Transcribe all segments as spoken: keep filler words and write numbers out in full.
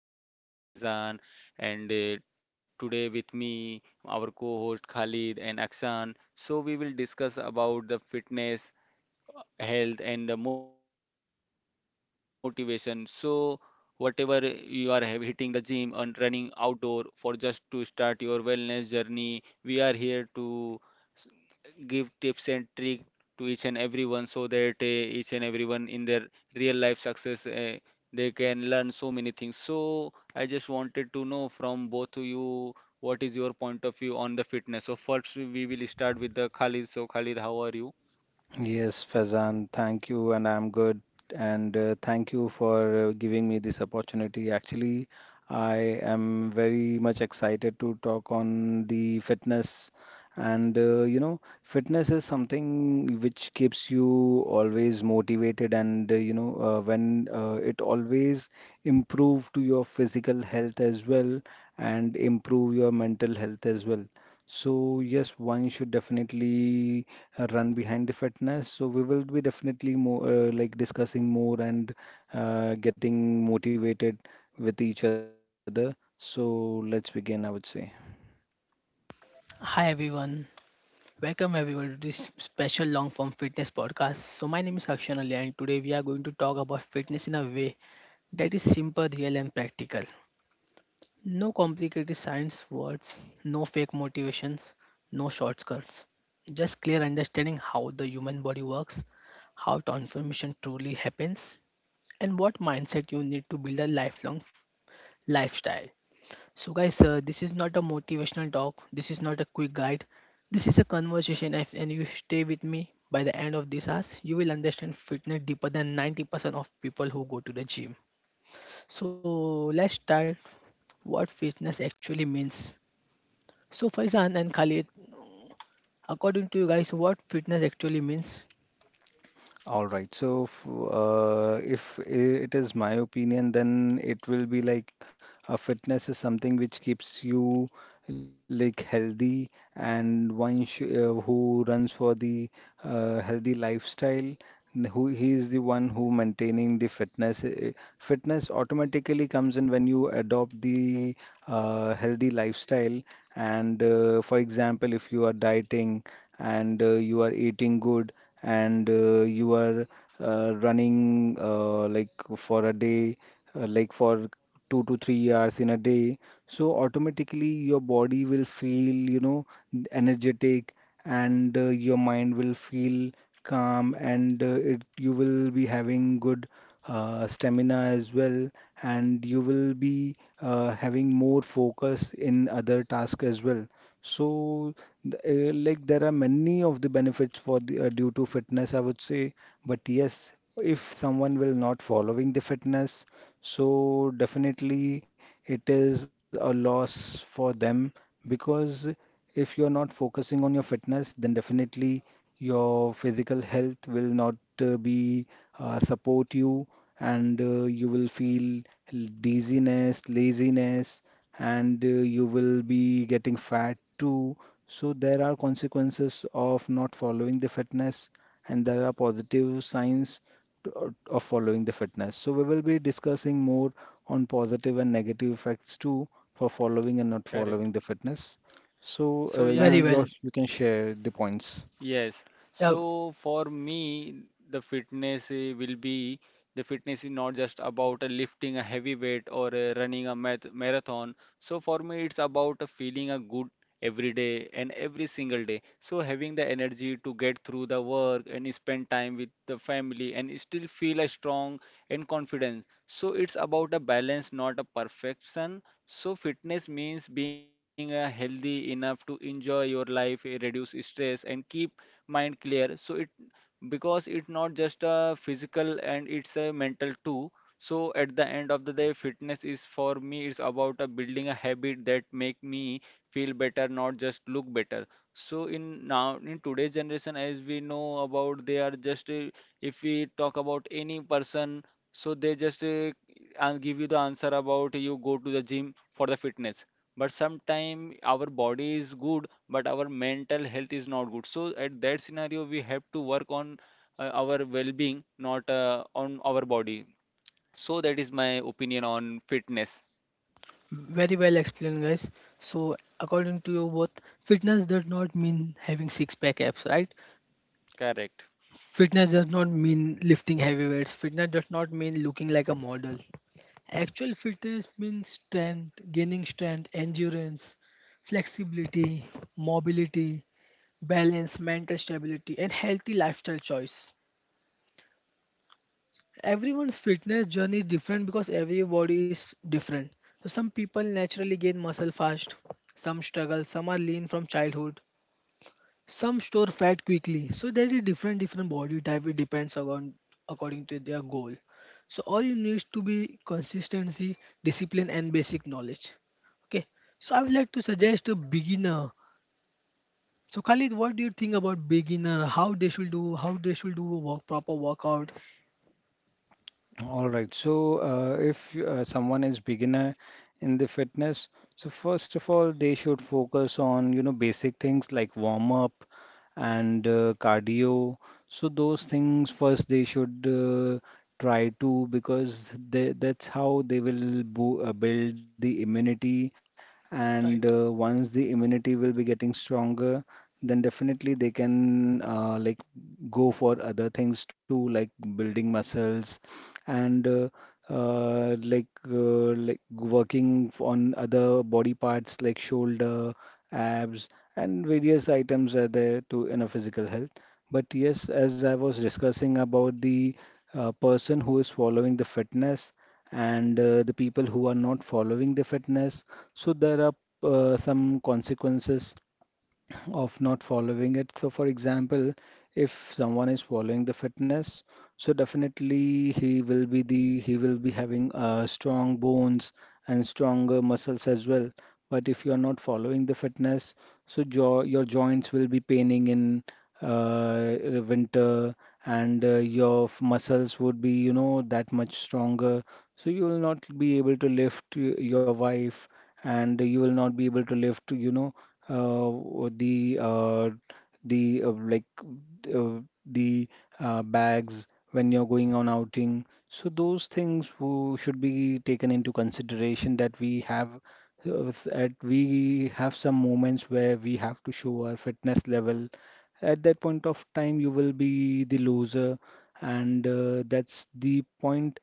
to my podcast. I'm your host Faizan, and uh, today with me our co-host Khalid and Akshan. So we will discuss about the fitness health and the motivation. So whatever you are have, hitting the gym and running outdoor for just to start your wellness journey, we are here to s- give tips and trick to each and everyone so that uh, each and everyone in their real life success uh, they can learn so many things. So I just wanted to know from both of you what is your point of view on the fitness. So first we will start with the Khalid. So Khalid, how are you? Yes, Fazan, thank you, and I'm good. And uh, thank you for uh, giving me this opportunity. Actually, I am very much excited to talk on the fitness. And uh, you know, fitness is something which keeps you always motivated, and uh, you know, uh, when uh, it always improve to your physical health as well, and improve your mental health as well. So yes, one should definitely uh, run behind the fitness. So we will be definitely more uh, like discussing more and uh, getting motivated with each other. So let's begin, I would say. Hi everyone. Welcome everyone to this special long form fitness podcast. So my name is Akshan Ali and today we are going to talk about fitness in a way that is simple, real and practical. No complicated science words, no fake motivations, no shortcuts. Just clear understanding how the human body works, how transformation truly happens and what mindset you need to build a lifelong f- lifestyle. So, guys, uh, this is not a motivational talk. This is not a quick guide. This is a conversation, if, and you stay with me by the end of this hours, you will understand fitness deeper than ninety percent of people who go to the gym. So, let's start what fitness actually means. So, Faizan and Khalid, according to you guys, what fitness actually means? All right. So, f- uh, if I- It is my opinion, then it will be like a fitness is something which keeps you like healthy, and one sh uh, who runs for the uh, healthy lifestyle, n- who he is the one who maintaining the fitness. Uh, Fitness automatically comes in when you adopt the uh, healthy lifestyle. And uh, for example, if you are dieting and uh, you are eating good and uh, you are uh, running uh, like for a day, uh, like for two to three hours in a day, so automatically your body will feel, you know, energetic and uh, your mind will feel calm and uh, it, you will be having good uh, stamina as well and you will be uh, having more focus in other tasks as well. So, th- uh, like there are many of the benefits for the uh, due to fitness, I would say. But yes, if someone will not following the fitness, so definitely it is a loss for them because if you're not focusing on your fitness, then definitely your physical health will not uh, be uh, support you, and uh, you will feel l- dizziness, laziness, and uh, you will be getting fat too. So there are consequences of not following the fitness, and there are positive signs to- of following the fitness. So we will be discussing more on positive and negative effects too for following and not Correct. following the fitness. So So uh, you yeah, Very well. your, you can share the points. yes. Yeah, So for me, the fitness eh, will be the fitness is not just about uh, lifting a heavy weight or uh, running a math marathon. So for me, it's about uh, feeling a good every day and every single day. So having the energy to get through the work and spend time with the family and still feel a strong and confident. So it's about a balance, not a perfection. So fitness means being uh, healthy enough to enjoy your life, eh, reduce stress, and keep mind clear, so it because it's not just a physical and it's a mental too. So at the end of the day fitness is for me it's about a building a habit that make me feel better not just look better. So in now in today's generation as we know about they are just uh, if we talk about any person, so they just uh, and give you the answer about you go to the gym for the fitness. But sometimes our body is good but our mental health is not good, so at that scenario we have to work on uh, our well-being not uh, on our body. So that is my opinion on fitness. very well explained, guys. So, according to you both, fitness does not mean having six pack abs, right? Correct. Fitness does not mean lifting heavy weights. Fitness does not mean looking like a model. Actual fitness means strength, gaining strength, endurance, flexibility, mobility, balance, mental stability, and healthy lifestyle choice. Everyone's fitness journey is different because every body is different. So some people naturally gain muscle fast, some struggle, some are lean from childhood, some store fat quickly, so there is different different body type. It depends on according to their goal. So all you need to be consistency, discipline, and basic knowledge. Okay. So I would like to suggest a beginner. So Khalid, what do you think about beginner? How they should do? How they should do a work proper workout? All right. So, uh, if uh, someone is beginner in the fitness, so first of all, they should focus on, you know, basic things like warm up and uh, cardio. So those things first they should uh, try to because they, that's how they will bo uh, build the immunity, and Right, uh, once the immunity will be getting stronger, then definitely they can uh, like go for other things too like building muscles and uh, uh, like uh, like working f- on other body parts like shoulder, abs, and various items are there to in a physical health. But yes, as I was discussing about the uh, person who is following the fitness and uh, the people who are not following the fitness. So there are uh, some consequences of not following it. So, for example, if someone is following the fitness, so definitely he will be the he will be having uh, strong bones and stronger muscles as well. But if you are not following the fitness, so jo your joints will be paining in uh, winter, and uh, your f- muscles would be, you know, that much stronger. So you will not be able to lift y- your wife, and you will not be able to lift, you know, uh, the uh, the uh, like uh, the uh, bags when you're going on outing. So those things who should be taken into consideration that we have, uh, at we have some moments where we have to show our fitness level. At that point of time, you will be the loser, and uh, that's the point.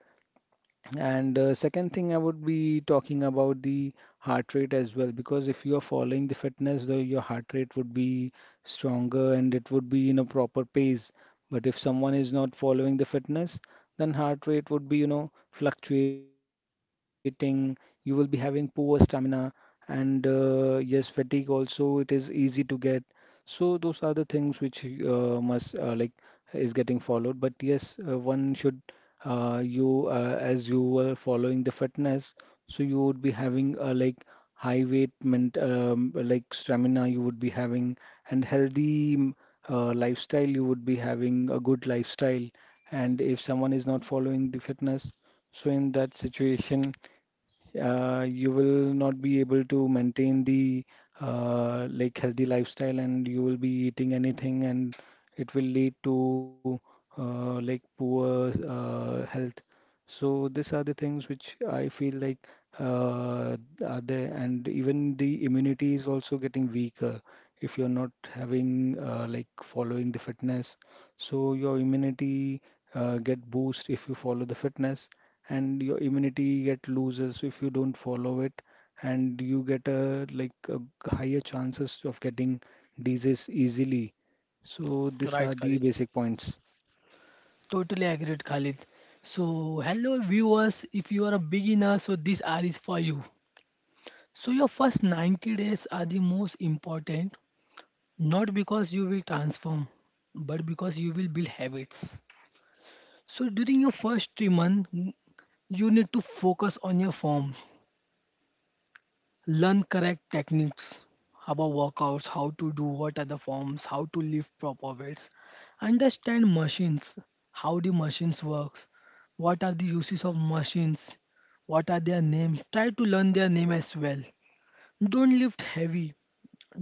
And uh, second thing, I would be talking about the heart rate as well, because if you are following the fitness, though your heart rate would be stronger and it would be in a proper pace. But if someone is not following the fitness, then heart rate would be, you know, fluctuating. You will be having poor stamina, and uh, yes, fatigue also it is easy to get. So those are the things which uh, must uh, like is getting followed. But yes, uh, one should uh, you uh, as you were following the fitness, so you would be having uh, like high weight ment um, like stamina you would be having and healthy mm, uh, lifestyle you would be having a good lifestyle. And if someone is not following the fitness, so in that situation uh, you will not be able to maintain the uh, like healthy lifestyle, and you will be eating anything and it will lead to uh, like poor uh, health. So these are the things which I feel like uh, are there, and even the immunity is also getting weaker if you're not having uh, like following the fitness. So your immunity uh, get boost if you follow the fitness, and your immunity get loses if you don't follow it, and you get a like a higher chances of getting disease easily. So these right, are the Khalid. basic points. Totally agreed, Khalid. So, hello viewers. If you are a beginner, so this ad is for you. So, your first ninety days are the most important. Not because you will transform, but because you will build habits. So during your first three months, you need to focus on your form, learn correct techniques about workouts, how to do, what are the forms, how to lift proper weights, understand machines, how the machines works, what are the uses of machines, what are their names. Try to learn their name as well. Don't lift heavy.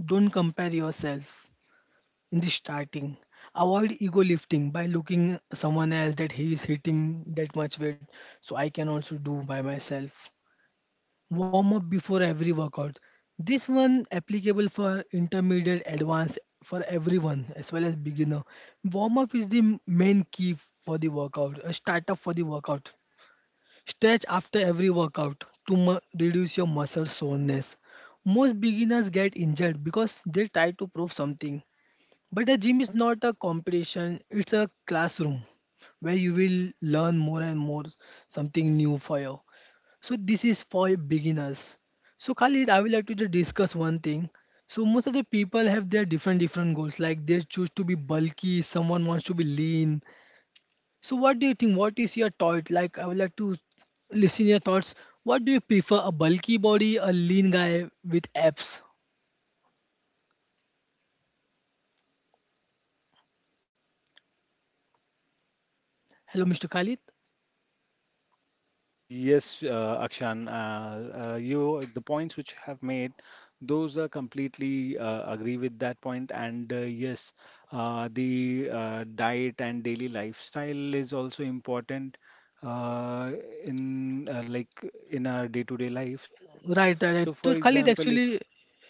Don't compare yourself. In the starting, avoid ego lifting by looking someone else that he is hitting that much weight, so I can also do by myself. Warm up before every workout. This one applicable for intermediate advanced for everyone as well as beginner. Warm up is the m- main key for the workout, a startup for the workout. Stretch after every workout to mu- reduce your muscle soreness. Most beginners get injured because they try to prove something, but a gym is not a competition, it's a classroom where you will learn more and more something new for you. So this is for beginners. So Khalid, I would like to just discuss one thing. So most of the people have their different different goals. Like they choose to be bulky, someone wants to be lean. So what do you think? What is your thought? Like I would like to listen your thoughts. What do you prefer, a bulky body, a lean guy with abs? Hello, mister Khalid. Yes, uh, Akshan, uh, uh, you the points which you have made, those are completely uh, agree with that point. And uh, yes, uh, the uh, diet and daily lifestyle is also important uh, in uh, like in our day-to-day lives. So, Right, for right, right. So example, Khalid, if actually,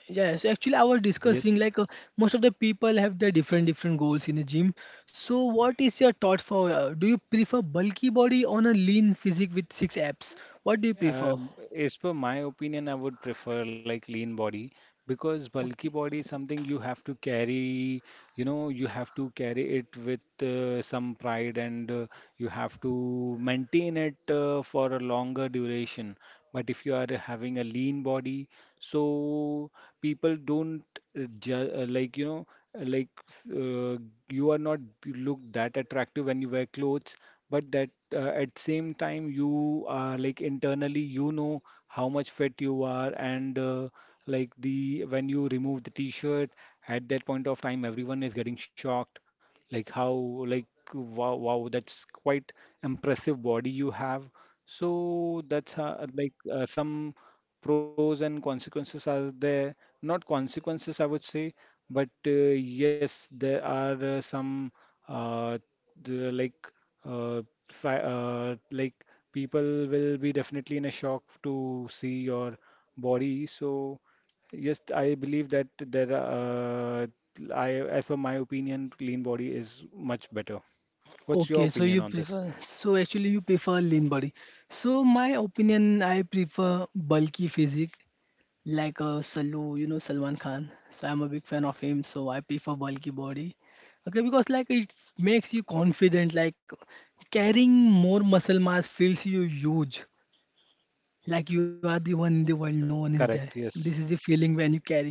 yes, actually, I was yes. discussing like uh, most of the people have their different different goals in the gym. So, what is your thought for? Uh, do you prefer bulky body on a lean physique with six abs? What do you prefer? Um, as per my opinion, I would prefer like lean body because bulky Okay. body is something you have to carry, you know, you have to carry it with uh, some pride, and uh, you have to maintain it uh, for a longer duration. But if you are having a lean body, so people don't uh, ju- uh, like you know uh, like uh, you are not look that attractive when you wear clothes, but that uh, at same time you are like internally you know how much fit you are, and uh, like the when you remove the t-shirt, at that point of time everyone is getting shocked like how like wow, wow, that's quite impressive body you have. So that's uh, like uh, some pros and consequences are there. Not consequences, I would say, but uh, yes, there are uh, some uh, the- like uh, si- uh, like people will be definitely in a shock to see your body. So yes, I believe that there are, uh, I as per my opinion, clean body is much better. What's Okay, your so you opinion on this? prefer, so actually you prefer lean body. So my opinion, I prefer bulky physique, like uh, Salu, you know Salman Khan. So I'm a big fan of him. So I prefer bulky body. Okay, because like it makes you confident. Like carrying more muscle mass feels you huge. Like you are the one in the world. No one is there. Correct. This is Yes. the feeling when you carry.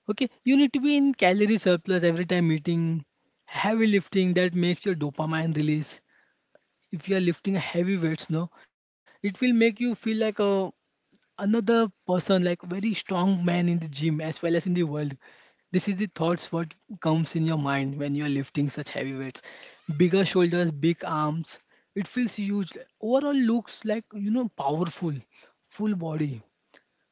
Okay, you need to be in calorie surplus every time eating. Heavy lifting that makes your dopamine release. If you are lifting heavy weights, no, it will make you feel like a another person, like very strong man in the gym as well as in the world. This is the thoughts what comes in your mind when you are lifting such heavy weights. Bigger shoulders, big arms. It feels huge. Overall looks like you know powerful, full body.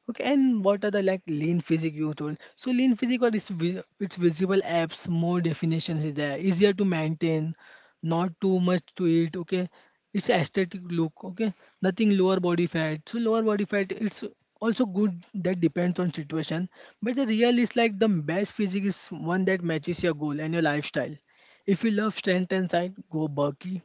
Okay, and what are the like lean physique you told? So lean physique or its vi- its visible apps, more definitions is there, easier to maintain, not too much to eat. Okay, it's aesthetic look. Okay, nothing lower body fat. So lower body fat, it's also good. That depends on situation. But the real is like the best physique is one that matches your goal and your lifestyle. If you love strength and size, go bulky.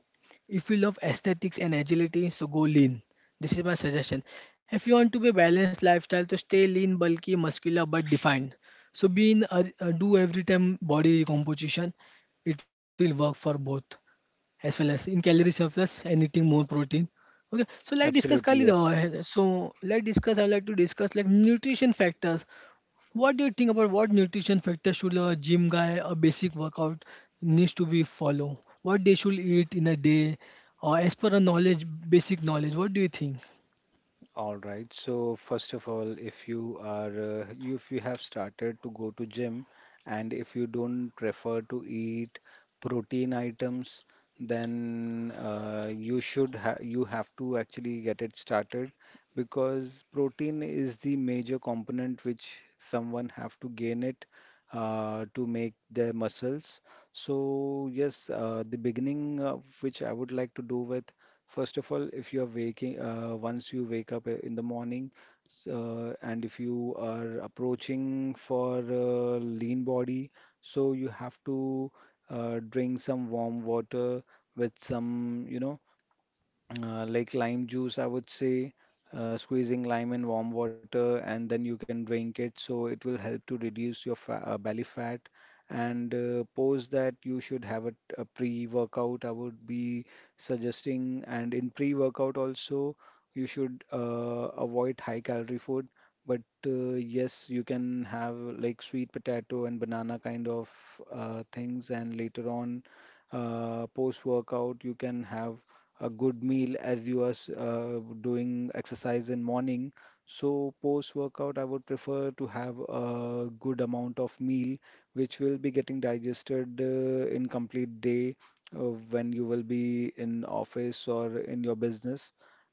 If you love aesthetics and agility, so go lean. This is my suggestion. If you want to be a balanced lifestyle, to stay lean, bulky, muscular but defined. So be in uh, uh, do every time body composition. It will work for both as well as in calorie surplus and eating more protein. Okay, so let's discuss Absolutely. Khalid. Yes. Uh, so let's discuss. I would like to discuss like nutrition factors. What do you think about what nutrition factor should a gym guy, a basic workout needs to be follow? What they should eat in a day, or as per a knowledge, basic knowledge? What do you think? All right. So first of all, if you are uh, you- if you have started to go to gym and if you don't prefer to eat protein items, then uh, you should ha you have to actually get it started because protein is the major component which someone have to gain it uh, to make their muscles. So yes, uh, the beginning of which I would like to do with. First of all, if you're waking, uh, once you wake up uh, in the morning, s- uh, and if you are approaching for a lean body, so you have to uh, drink some warm water with some, you know, uh, like lime juice, I would say, uh, squeezing lime in warm water and then you can drink it. So it will help to reduce your fa uh, belly fat. And uh, post that you should have a, a pre-workout, I would be suggesting. And in pre-workout also, you should uh, avoid high-calorie food. But uh, yes, you can have like sweet potato and banana kind of uh, things. And later on, uh, post-workout, you can have a good meal as you are uh, doing exercise in morning. So post workout, I would prefer to have a good amount of meal which will be getting digested uh, in complete day uh, when you will be in office or in your business.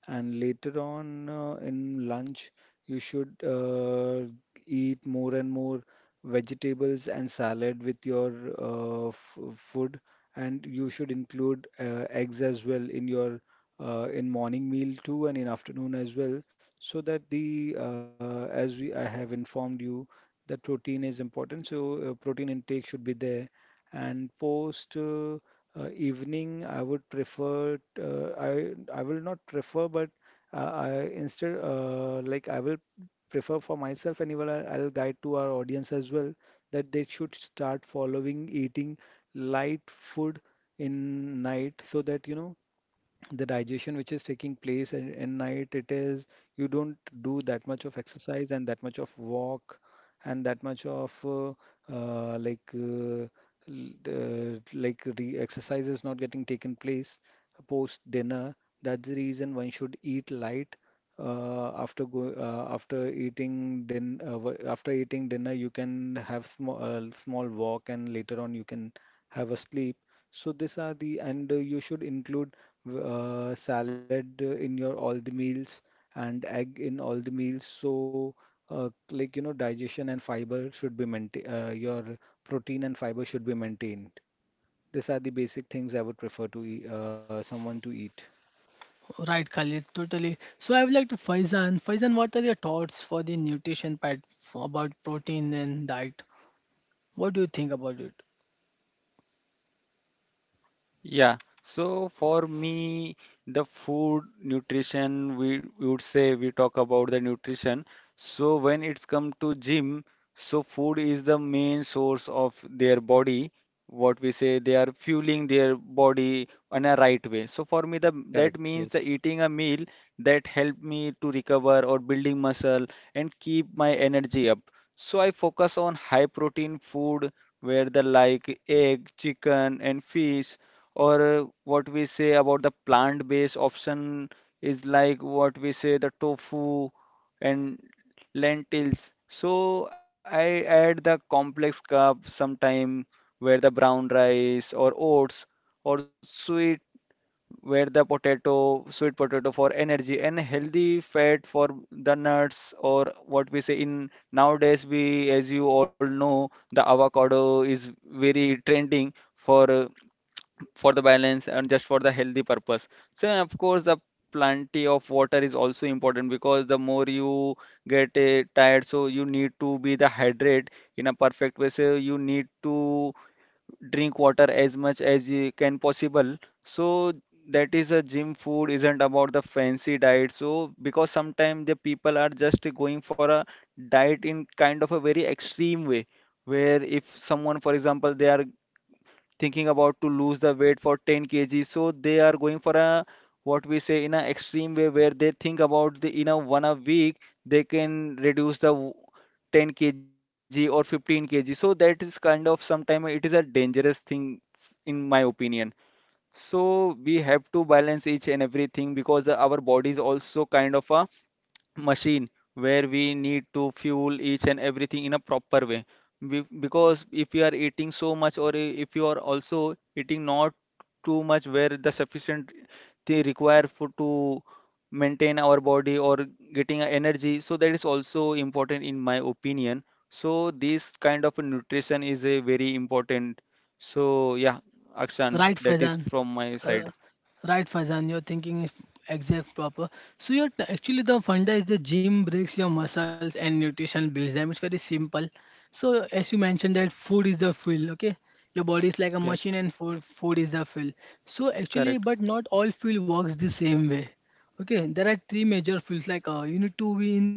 And later on uh, in lunch, you should uh, eat more and more vegetables and salad with your uh, f food, and you should include uh, eggs as well in your uh, in morning meal too and in afternoon as well, so that the uh, as we I have informed you that protein is important. So uh, protein intake should be there. And post uh, uh, evening, I would prefer uh, I I will not prefer, but uh, I instead uh, like I will prefer for myself, and even I- I'll guide to our audience as well that they should start following eating light food in night, so that you know the digestion which is taking place in, in night, it is you don't do that much of exercise and that much of walk and that much of uh, uh, like uh, l- uh, like re exercise is not getting taken place post dinner. That's the reason one should eat light uh, after go uh, after eating din uh, wa- after eating dinner. You can have small uh, small walk, and later on you can have a sleep. So these are the and uh, you should include v- uh, salad uh, in your all the meals and egg in all the meals. So, uh, like, you know, digestion and fiber should be maintained, uh, your protein and fiber should be maintained. These are the basic things I would prefer to eat, uh, someone to eat. Right, Khalid, totally. So I would like to Faizan. Faizan, what are your thoughts for the nutrition part f- about protein and diet? What do you think about it? Yeah, so for me, the food nutrition, we, we would say we talk about the nutrition. So when it's come to gym, so food is the main source of their body. What we say, they are fueling their body in a right way. So for me, the that Correct. means the Yes. eating a meal that help me to recover or building muscle and keep my energy up. So I focus on high protein food where the like egg, chicken, and fish or uh, what we say about the plant-based option is like what we say the tofu and lentils. So I add the complex carb sometime where the brown rice or oats or sweet where the potato, sweet potato for energy and healthy fat for the nuts or what we say in nowadays we as you all know the avocado is very trending for uh, for the balance and just for the healthy purpose. So of course the plenty of water is also important because the more you get uh, tired, so you need to be the hydrate in a perfect way. So you need to drink water as much as you can possible. So that is a gym food isn't about the fancy diet. So because sometimes the people are just going for a diet in kind of a very extreme way where if someone for example they are thinking about to lose the weight for ten kilograms, so they are going for a what we say in a extreme way where they think about the in a one a week they can reduce the w- ten kilograms or fifteen kilograms. So that is kind of sometime it is a dangerous thing in my opinion. So we have to balance each and everything because our body is also kind of a machine where we need to fuel each and everything in a proper way. Be- Because if you are eating so much, or i- if you are also eating not too much, where the sufficient they require for to maintain our body or getting a energy, so that is also important in my opinion. So this kind of a nutrition is a very important. So yeah, Akshan, Right, that is Faizan. from my Uh, side. right, Faizan. Your thinking is exact proper. So your actually the funda is the gym breaks your muscles and nutrition builds them. It's very simple. So as you mentioned that food is the fuel. Okay, your body is like a Yes, machine and food food is the fuel. So actually, correct, but not all fuel works the same way. Okay, there are three major fuels like uh, you need to be in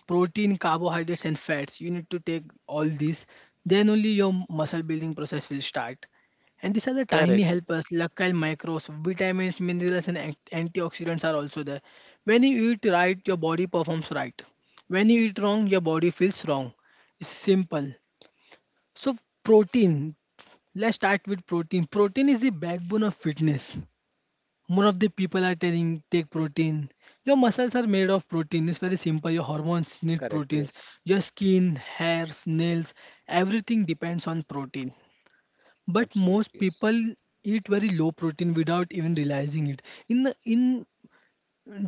protein, carbohydrates and fats. You need to take all these, then only your muscle building process will start. And these are the tiny correct, helpers, luckily microbes, vitamins, minerals and an- antioxidants are also there. When you eat right, your body performs right. When you eat wrong, your body feels wrong. It's simple. So, protein. Let's start with protein. Protein is the backbone of fitness. More of the people are telling take protein. Your muscles are made of protein. It's very simple. Your hormones need Correct. proteins. Yes. Your skin, hairs, nails, everything depends on protein. But most Absolutely. Yes. people eat very low protein without even realizing it. In the- in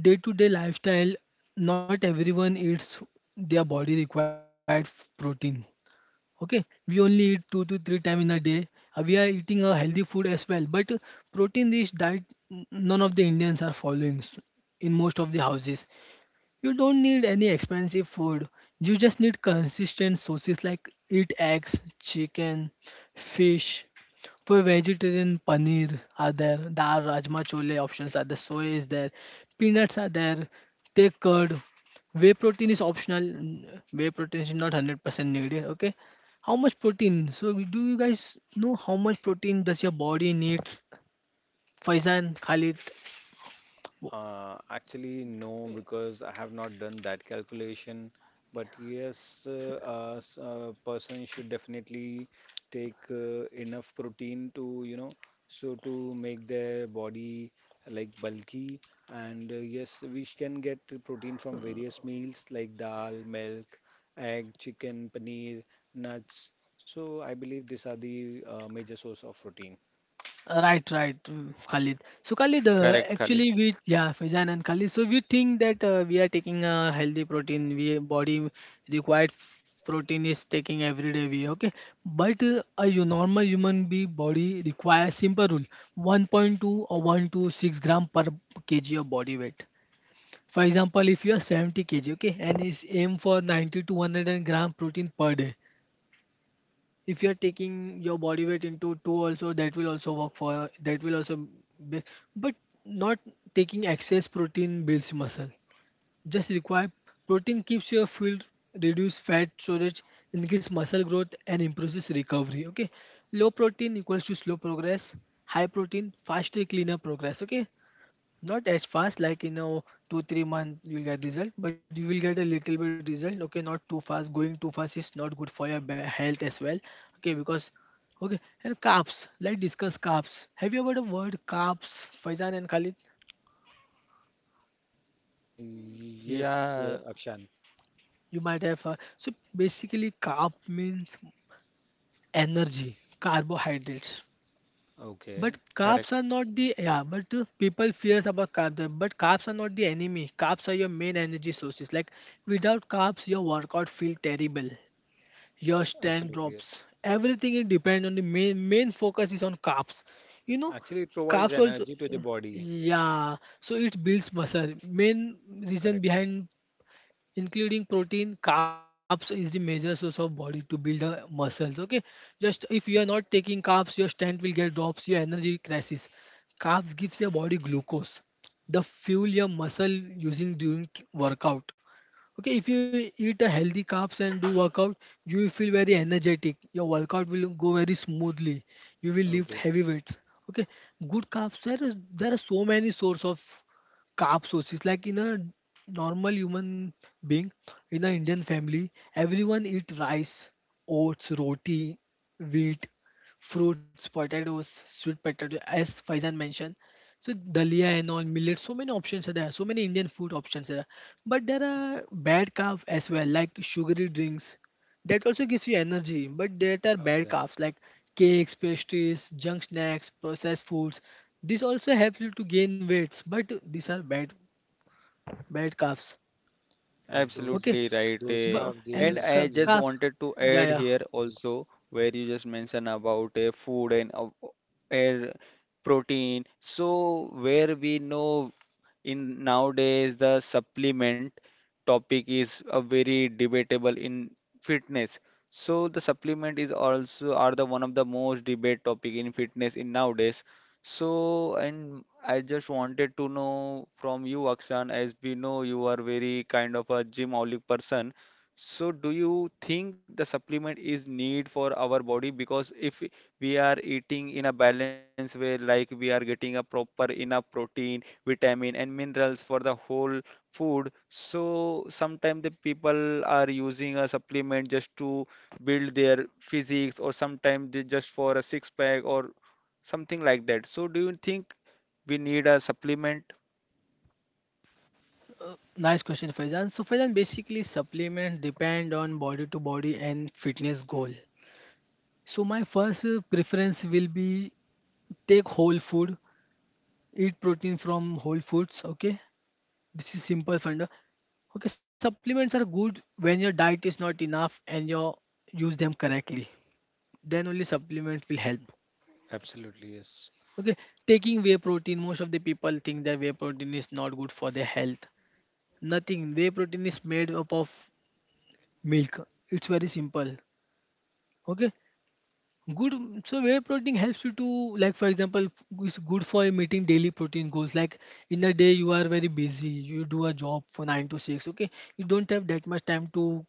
day-to-day lifestyle, not everyone eats their body required f- protein. Okay, we only eat two to three time in a day. Uh, we are eating a healthy food as well, but protein-rich diet n- none of the Indians are following s- in most of the houses. You don't need any expensive food. You just need consistent sources like eat eggs, chicken, fish, for vegetarian, paneer are there, dal, rajma, chole options are there, soy is there, peanuts are there, take curd. Whey protein is optional. n- Whey protein is not one hundred percent needed. Okay, how much protein? So do you guys know how much protein does your body needs? Faizan, Khalid, Uh, actually, no, because I have not done that calculation. But yes, uh, uh, s- a person should definitely take uh, enough protein to, you know, so to make their body like bulky. And uh, yes, we sh- can get protein from various meals like dal, milk, egg, chicken, paneer, nuts. So I believe these are the uh, major source of protein. right, right, mm, Khalid. So Khalid, uh, correct, actually Khalid. we, yeah, Faizan and Khalid. So we think that uh, we are taking a healthy protein. We body required protein is taking every day. We okay, but uh, a hu- normal human be body requires simple rule: one point two or one to six gram per kg of body weight. For example, if you are seventy k g, okay, and is aim for ninety to one hundred gram protein per day. If you're taking your body weight into two also, that will also work, for that will also be, but not taking excess protein builds muscle. Just require protein keeps your fuel, reduce fat storage, increase muscle growth and improves recovery. Okay, low protein equals to slow progress. High protein faster cleaner progress. Okay, not as fast, like in a two, three month you'll get result, but you will get a little bit result. Okay, not too fast. Going too fast is not good for your ba- health as well. Okay, because okay, and carbs. Let's discuss carbs. Have you heard the word carbs, Faizan and Khalid? Uh, yes, Yeah, uh, Akshan. You might have. Uh, so basically, carb means energy, carbohydrates. Okay. But correct. carbs are not the, yeah. But uh, people fears about carbs. uh, But carbs are not the enemy. Carbs are your main energy sources. Like without carbs, your workout feel terrible. Your stand Absolutely, drops. yes. Everything it depends on the main main focus is on carbs. You know, Actually, it provides carbs also, energy to the body. yeah. So it builds muscle. Main reason Correct. behind including protein carbs is the major source of body to build uh, muscles. Okay, just if you are not taking carbs your strength will get drops, your energy crisis. Carbs gives your body glucose, the fuel your muscle using during t- workout. Okay, if you eat a healthy carbs and do workout, you will feel very energetic, your workout will go very smoothly, you will lift Okay. heavy weights. Okay, good carbs, there is there are so many source of carb sources, like in a normal human being, in an Indian family everyone eat rice, oats, roti, wheat, fruits, potatoes, sweet potato, as Faizan mentioned. So dalia and all, millet, so many options are there, so many Indian food options are there. But there are bad carbs as well, like sugary drinks, that also gives you energy but that are bad Okay. carbs, like cakes, pastries, junk snacks, processed foods. This also helps you to gain weights, but these are bad bad calves. But Okay, Absolutely those right. those Eh. but, scarf and And gives, I ca- you just know, calf. wanted to Yeah, add yeah, here yes. also where you just mentioned about uh, food and uh, air protein. So where we know in nowadays the supplement topic is a very debatable in fitness. So the supplement is also are the one of the most debate topic in fitness in nowadays. So and I just wanted to know from you, Akshan, as we know you are very kind of a gymaholic person. So do you think the supplement is need for our body? Because if we are eating in a balanced way, like we are getting a proper enough protein vitamin and minerals for the whole food, so sometimes the people are using a supplement just to build their physiques or sometimes they just for a six pack or something like that. So do you think we need a supplement? nice question, Faizan. So Faizan, basically supplements depend on body to body and fitness goal. So my first uh, preference will be take whole food, eat protein from whole foods. Okay, this is simple funda. Okay, supplements are good when your diet is not enough and you use them correctly, then only supplement will help. Absolutely, yes. Okay, taking whey protein, most of the people think that whey protein is not good for their health. Nothing. Whey protein is made up of milk. It's very simple. Okay, good. So whey protein helps you to, like for example, f- is good for meeting daily protein goals. Like in a day you are very busy, you do a job for nine to six. Okay, you don't have that much time to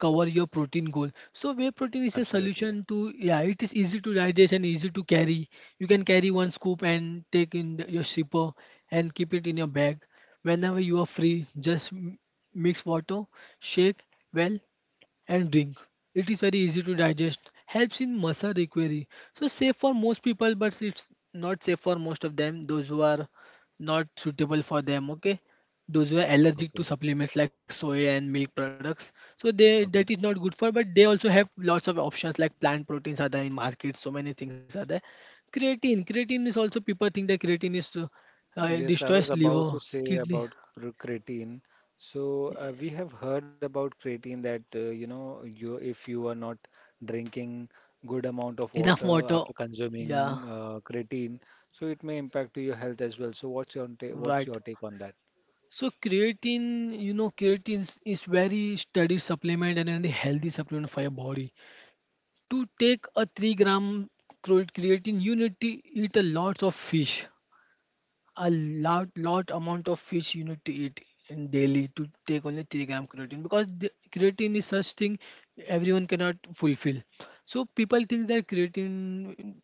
cover your protein goal. So whey protein is a Absolutely. solution to, yeah, it is easy to digest and easy to carry. You can carry one scoop and take in the- your shipper and keep it in your bag. Whenever you are free, just m- mix water, shake well, and drink. It is very easy to digest, helps in muscle recovery. So safe for most people, but it's not safe for most of them. Those who are not suitable for them, okay. Those who are allergic Okay. to supplements like soy and milk products, so they that is Okay. not good for. But they also have lots of options, like plant proteins are there in market. So many things are there. Creatine, creatine is also people think that creatine is uh, uh, Yes, I was destroys liver, about to say kidney. about cr- creatine. So uh, we have heard about creatine that, uh, you know, you if you are not drinking good amount of Enough water water, after yeah, consuming uh, creatine, so it may impact to your health as well. So what's your ta what's right. your take on that? So creatine, you know, creatine is is very studied supplement and a healthy supplement for your body. To take a three gram cre- creatine, you need to eat a lot of fish, a lot lot amount of fish you need to eat in daily to take only three gram creatine, because the creatine is such thing everyone cannot fulfill. So people think that creatine,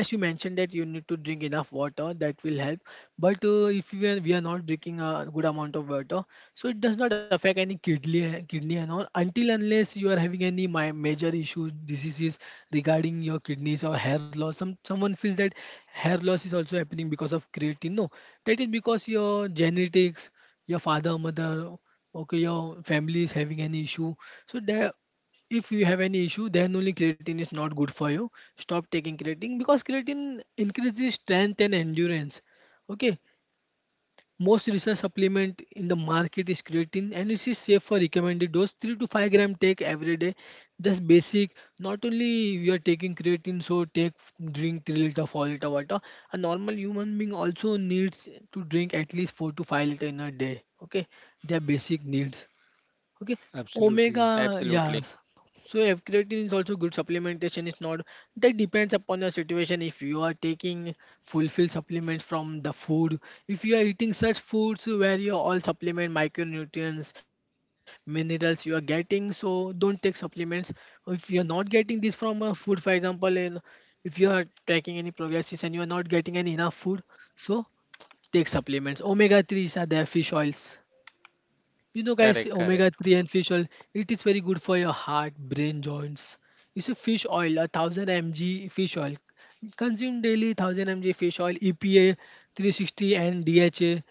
as you mentioned, that you need to drink enough water, that will help. But uh, if we are, we are not drinking a good amount of water, so it does not affect any kidney, kidney and all, until unless you are having any mi- major issues, diseases regarding your kidneys or hair loss. Some someone feels that hair loss is also happening because of creatine. No, that is because your genetics, your father, mother, okay, your family is having any issue. So there, if you have any issue then only creatine is not good for you, stop taking creatine, because creatine increases strength and endurance. Okay, most research supplement in the market is creatine, and it is safe for recommended dose three to five gram, take every day. Just basic, not only you are taking creatine so take, drink three liter four liter water. A normal human being also needs to drink at least four to five liter in a day. Okay, their basic needs. Okay, Absolutely, yes. omega, yes. Absolutely. So F-creatine is also good supplementation. It's not, that depends upon your situation. If you are taking fulfill supplements from the food, if you are eating such foods where you all supplement micronutrients, minerals you are getting, so don't take supplements. If you are not getting this from a food, for example, in, if you are tracking any progresses and you are not getting any enough food, so take supplements. Omega three s are there, fish oils. You know, guys, Correct, omega correct. three and fish oil, it is very good for your heart, brain, joints. It's a fish oil, a thousand mg fish oil. Consume daily one thousand mg fish oil, E P A three sixty and D H A.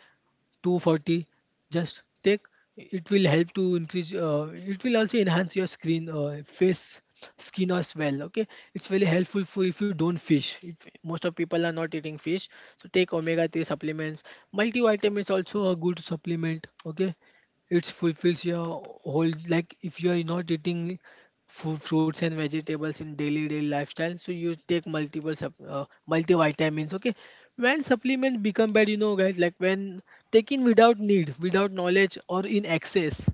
two forty, just take, it will help to increase uh, it will also enhance your screen, uh, face skin as well. Okay, it's very helpful for, if you don't fish, if most of people are not eating fish, so take omega three supplements. Multivitamin is also a good supplement. Okay, it fulfills your whole, like if you are not eating fu- fruits and vegetables in daily daily lifestyle, so you take multiple sup- uh, multivitamins. Okay, when supplements become bad, you know guys, like when taken without need, without knowledge, or in excess,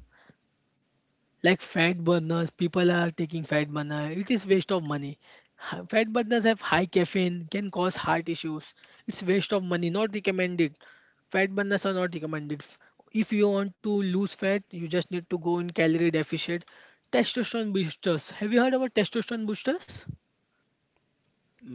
like fat burners, people are taking fat burner, it is waste of money. Ha- fat burners have high caffeine, can cause heart issues. It's waste of money, not recommended. Fat burners are not recommended. F- if you want to lose fat, you just need to go in calorie deficit. Testosterone boosters, have you heard about testosterone boosters? No.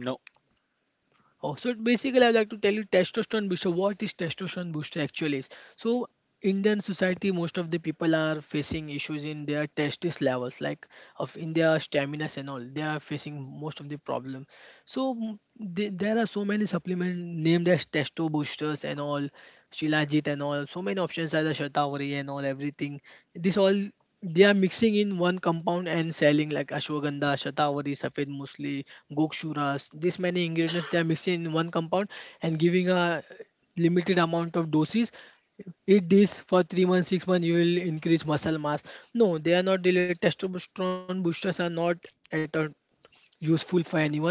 Oh, so basically, I'd like to tell you testosterone booster. What is testosterone booster actually is? So Indian society, most of the people are facing issues in their testis levels, like of in their stamina and all. They are facing most of the problem. So m- the- there are so many supplement named as testo boosters and all, Shilajit and all. So many options are the Shatavari and all, everything. This all they are mixing in one compound and selling, like Ashwagandha, Shatavari, Safed Musli, Gokshuras. This many ingredients they are mixing in one compound and giving a limited amount of doses. Eat this for three months, six months. You will increase muscle mass. No, they are not related. Testosterone boosters are not at all useful for anyone.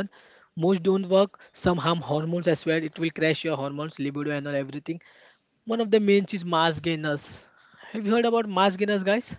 Most don't work, some harm hormones, I swear it will crash your hormones, libido, and all everything. One of the main is mass gainers. Have you heard about mass gainers, guys?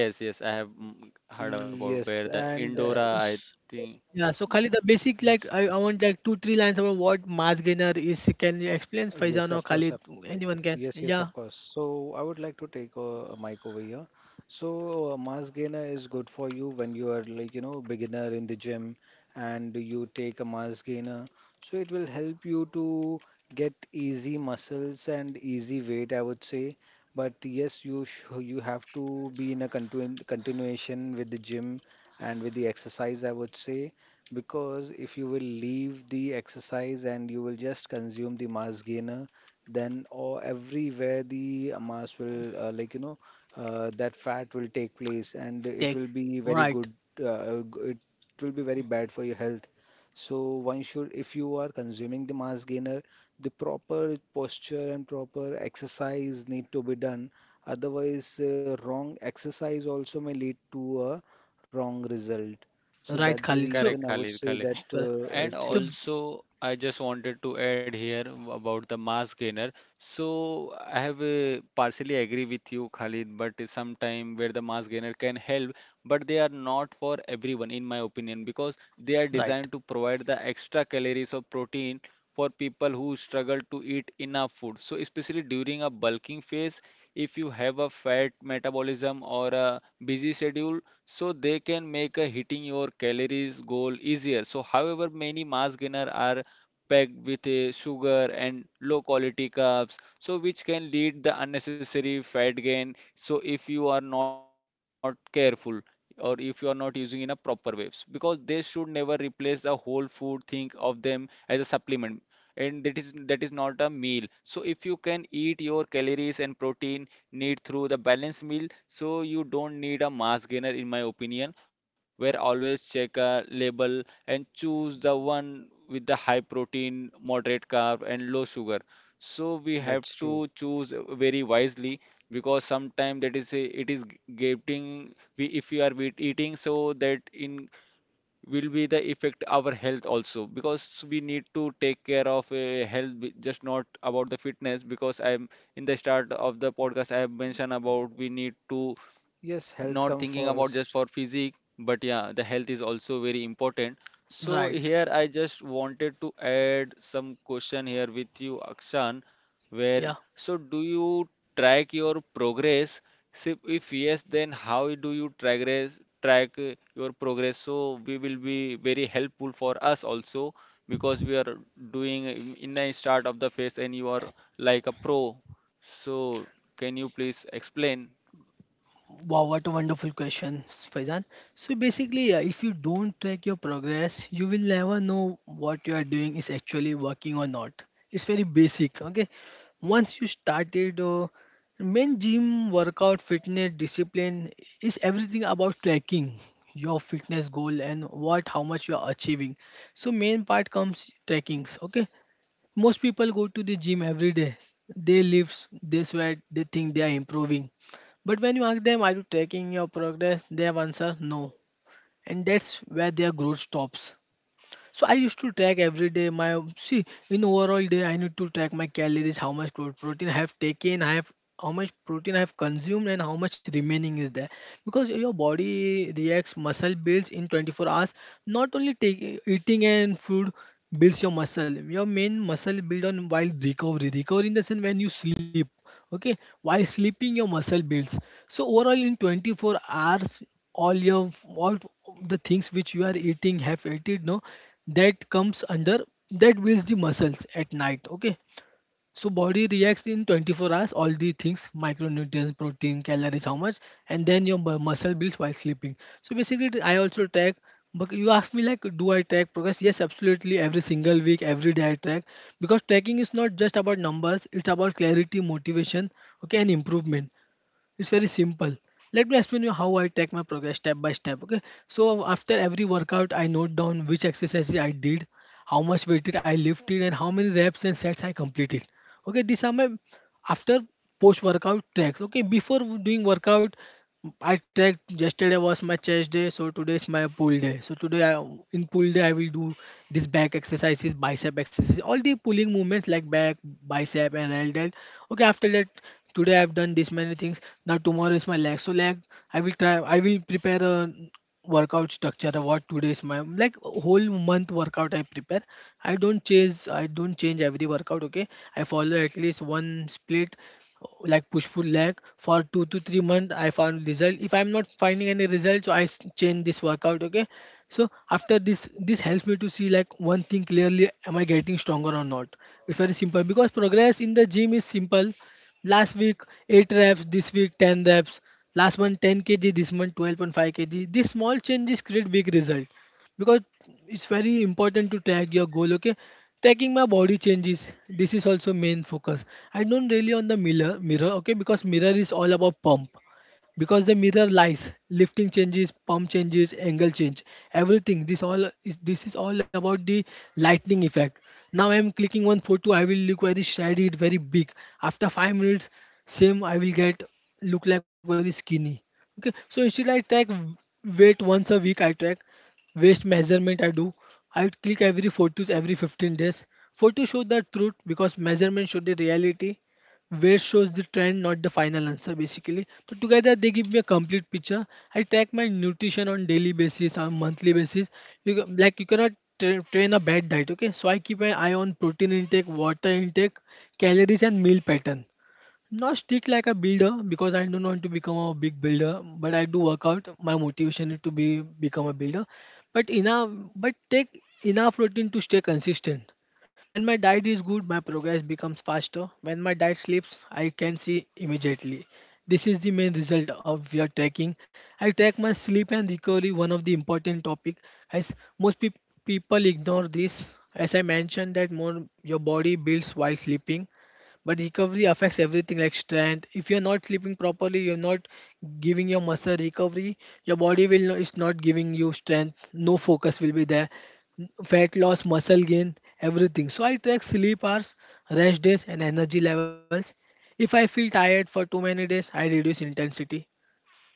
Yes, yes, I have mm, heard about Yes, where the and uh, Indora, I think. Yeah, so Kali, the basic, like yes, I, I want like two three lines about what mass gainer is. Can you explain, yes, Faizan or of course, Khalid? of Anyone can? Yes, yes, of Yeah, course. So I would like to take a, a mic over here. So uh, mass gainer is good for you when you are, like, you know, beginner in the gym and you take a mass gainer. So it will help you to get easy muscles and easy weight, I would say. But yes, you sh you have to be in a continu continuation with the gym and with the exercise, I would say, because if you will leave the exercise and you will just consume the mass gainer, then or everywhere the mass will, uh, like you know uh, that fat will take place and it take. will be very Right, good, uh, g- it will be very bad for your health. So one should, if you are consuming the mass gainer, the proper posture and proper exercise need to be done. Otherwise, uh, wrong exercise also may lead to a wrong result. So right, that's the Khalid. So, Correct, reason I would Khalid, say Khalid. that correct. uh, And it So is also, I just wanted to add here about the mass gainer. So I have uh, partially agree with you, Khalid, but sometime where the mass gainer can help, but they are not for everyone, in my opinion, because they are designed right, to provide the extra calories of protein for people who struggle to eat enough food. So especially during a bulking phase, if you have a fat metabolism or a busy schedule, so they can make a hitting your calories goal easier. So however many mass gainer are packed with a sugar and low quality carbs, so which can lead the unnecessary fat gain. So if you are not careful or if you are not using in a proper ways, because they should never replace the whole food, think of them as a supplement and that is that is not a meal. So if you can eat your calories and protein need through the balanced meal, so you don't need a mass gainer in my opinion. Where always check a label and choose the one with the high protein moderate carb and low sugar. So we have that's true. to choose very wisely, because sometimes that is a, it is g- getting we if we are with eating so that in will be the effect our health also, because we need to take care of uh, health be- just not about the fitness because I'm in the start of the podcast I have mentioned about we need to Yes, health not come thinking about just for first. physique but yeah the health is also very important. So right. here I just wanted to add some question here with you, Akshan, where Yeah. so do you track your progress? So if yes, then how do you track track uh, your progress? So we will be very helpful for us also because we are doing in in the start of the phase and you are like a pro. So can you please explain? Wow, what a wonderful question, Faizan. So basically, uh, if you don't track your progress, you will never know what you are doing is actually working or not. It's very basic, okay? Once you started, uh, main gym, workout, fitness, discipline is everything about tracking your fitness goal and what, how much you are achieving. So main part comes trackings, okay? Most people go to the gym every day. They lift, they sweat, they think they are improving. But when you ask them, are you tracking your progress? Their answer, no. And that's where their growth stops. So I used to track every day my see, in overall day I need to track my calories, how much pro- protein I have taken, I have, how much protein I have consumed and how much remaining is there, because your body reacts muscle builds in twenty-four hours. Not only take, eating and food builds your muscle, your main muscle build on while recovery, recovery in the sense when you sleep, okay, while sleeping your muscle builds. So overall in twenty-four hours, all your, all the things which you are eating, have ate it, no, that comes under, that builds the muscles at night. Okay, so body reacts in twenty-four hours, all the things, micronutrients, protein, calories, how much, and then your mu- muscle builds while sleeping. So basically, it- I also track. But you ask me, like, do I track progress? Yes, absolutely. Every single week, every day I track, because tracking is not just about numbers, it's about clarity, motivation, okay, and improvement. It's very simple. Let me explain you how I take my progress step by step. Okay. So after every workout, I note down which exercises I did, how much weighted I lifted, and how many reps and sets I completed. Okay. These are my after post workout tracks. Okay. Before doing workout, I tracked yesterday was my chest day, so today is my pull day. So today I, in pull day I will do this back exercises, bicep exercises, all the pulling movements like back, bicep, and all that. Okay, after that today I've done this many things. Now tomorrow is my leg. So leg I will try. I will prepare a workout structure what today's my like whole month workout i prepare. I don't change, i don't change every workout. Okay, i follow at least one split like push pull leg for two to three months. I found result. If i'm not finding any result, so i s- change this workout. Okay, so after this, this helps me to see like one thing clearly: am i getting stronger or not? It's very simple because progress in the gym is simple. Last week eight reps, this week ten reps. Last month ten k g, this month twelve point five kg. These small changes create big result because it's very important to track your goal. Okay, tracking my body changes, this is also main focus. I don't really on the mirror, mirror. Okay, because mirror is all about pump, because the mirror lies, lifting changes, pump changes, angle change, everything. This all is this is all about the lightning effect. Now I am clicking one photo, I will look very shaded, very big. After five minutes same I will get, look like very skinny. Okay, so instead i track weight once a week. I track waist measurement i do. I click every photos every fifteen days. Photos show the truth because measurement show the reality, where shows the trend, not the final answer, basically. So together they give me a complete picture. I track my nutrition on daily basis, on monthly basis. You ca- like you cannot tra- train a bad diet, okay? So I keep an eye on protein intake, water intake, calories, and meal pattern. Not strict like a builder because I don't want to become a big builder, but I do work out. My motivation is to be become a builder, but enough, but take enough protein to stay consistent. When my diet is good, my progress becomes faster. When my diet slips, I can see immediately. This is the main result of your tracking. I track my sleep and recovery, one of the important topic. As most peop People ignore this, as I mentioned that more your body builds while sleeping. But recovery affects everything like strength. If you're not sleeping properly, you're not giving your muscle recovery, your body will not, it's not giving you strength. No focus will be there. Fat loss, muscle gain, everything. So I track sleep hours, rest days, and energy levels. If I feel tired for too many days, I reduce intensity.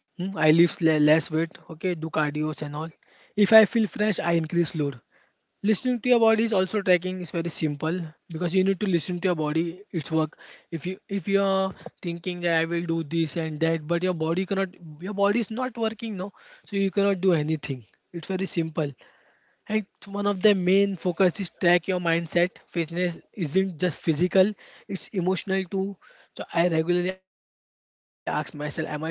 Hmm, I lift le- less weight, okay, do cardios and all. If I feel fresh, I increase load. Listening to your body is also tracking is very simple, because you need to listen to your body its work. If you if you are thinking that i will do this and that but your body cannot, your body is not working, no, so you cannot do anything. It's very simple. And one of the main focus is track your mindset. Fitness isn't just physical, it's emotional too. So I regularly ask myself, am I feeling motivated?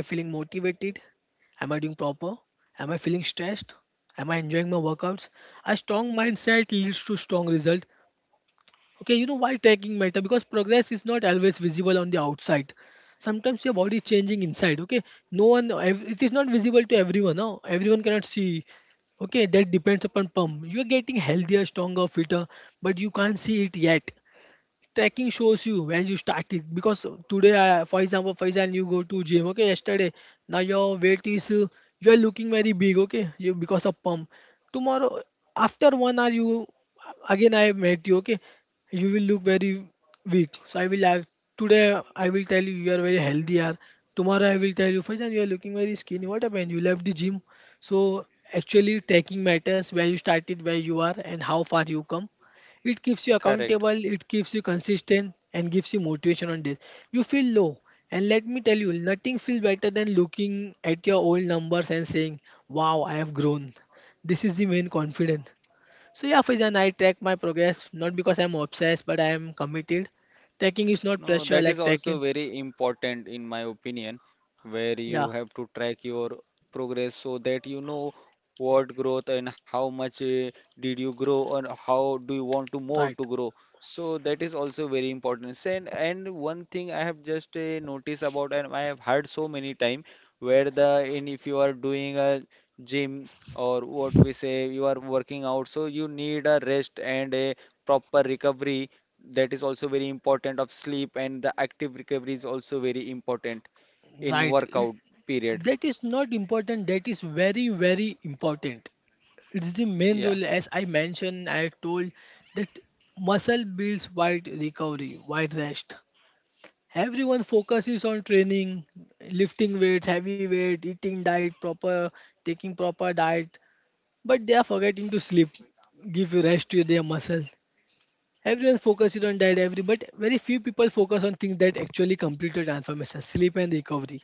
Am I doing proper? Am I feeling stressed? Am I enjoying my workouts? A strong mindset leads to strong result. Okay, you know why tracking matter? Because progress is not always visible on the outside. Sometimes your body is changing inside. Okay, no one, ev- it is not visible to everyone. No, everyone cannot see. Okay, that depends upon pump. You are getting healthier, stronger, fitter, but you can't see it yet. Tracking shows you where you started. Because today, uh, for example, for example, you go to gym. Okay, yesterday now your weight is, uh, you are looking very big. Okay, you because of pump. Tomorrow after one hour you again I have met you. Okay, you will look very weak. So I will act today. I will tell you you are very healthy. Are Tomorrow I will tell you, for example, you are looking very skinny. What happened? You left the gym. So actually tracking matters where you started, where you are, and how far you come. It keeps you Correct. accountable, it keeps you consistent, and gives you motivation on days you feel low. And let me tell you, nothing feels better than looking at your old numbers and saying, "Wow, I have grown." This is the main confidence. So, yeah, Faizan, I track my progress not because I'm obsessed, but I am committed. Tracking is not No, pressure that is like also tracking. very important in my opinion, where you Yeah, have to track your progress so that you know what growth and how much uh, did you grow and how do you want to more right, to grow. So that is also very important. And and one thing I have just uh, noticed about and I have heard so many time where the in if you are doing a gym or what we say you are working out, so you need a rest and a proper recovery. That is also very important of sleep and the active recovery is also very important in right. workout It- period. That is not important, that is very, very important. It's the main Yeah. role, as I mentioned, I told that muscle builds while recovery, while rest. Everyone focuses on training, lifting weights, heavy weight, eating diet proper, taking proper diet, but they are forgetting to sleep, give rest to their muscles. Everyone focuses on diet, every but very few people focus on things that actually complete the transformation, sleep and recovery.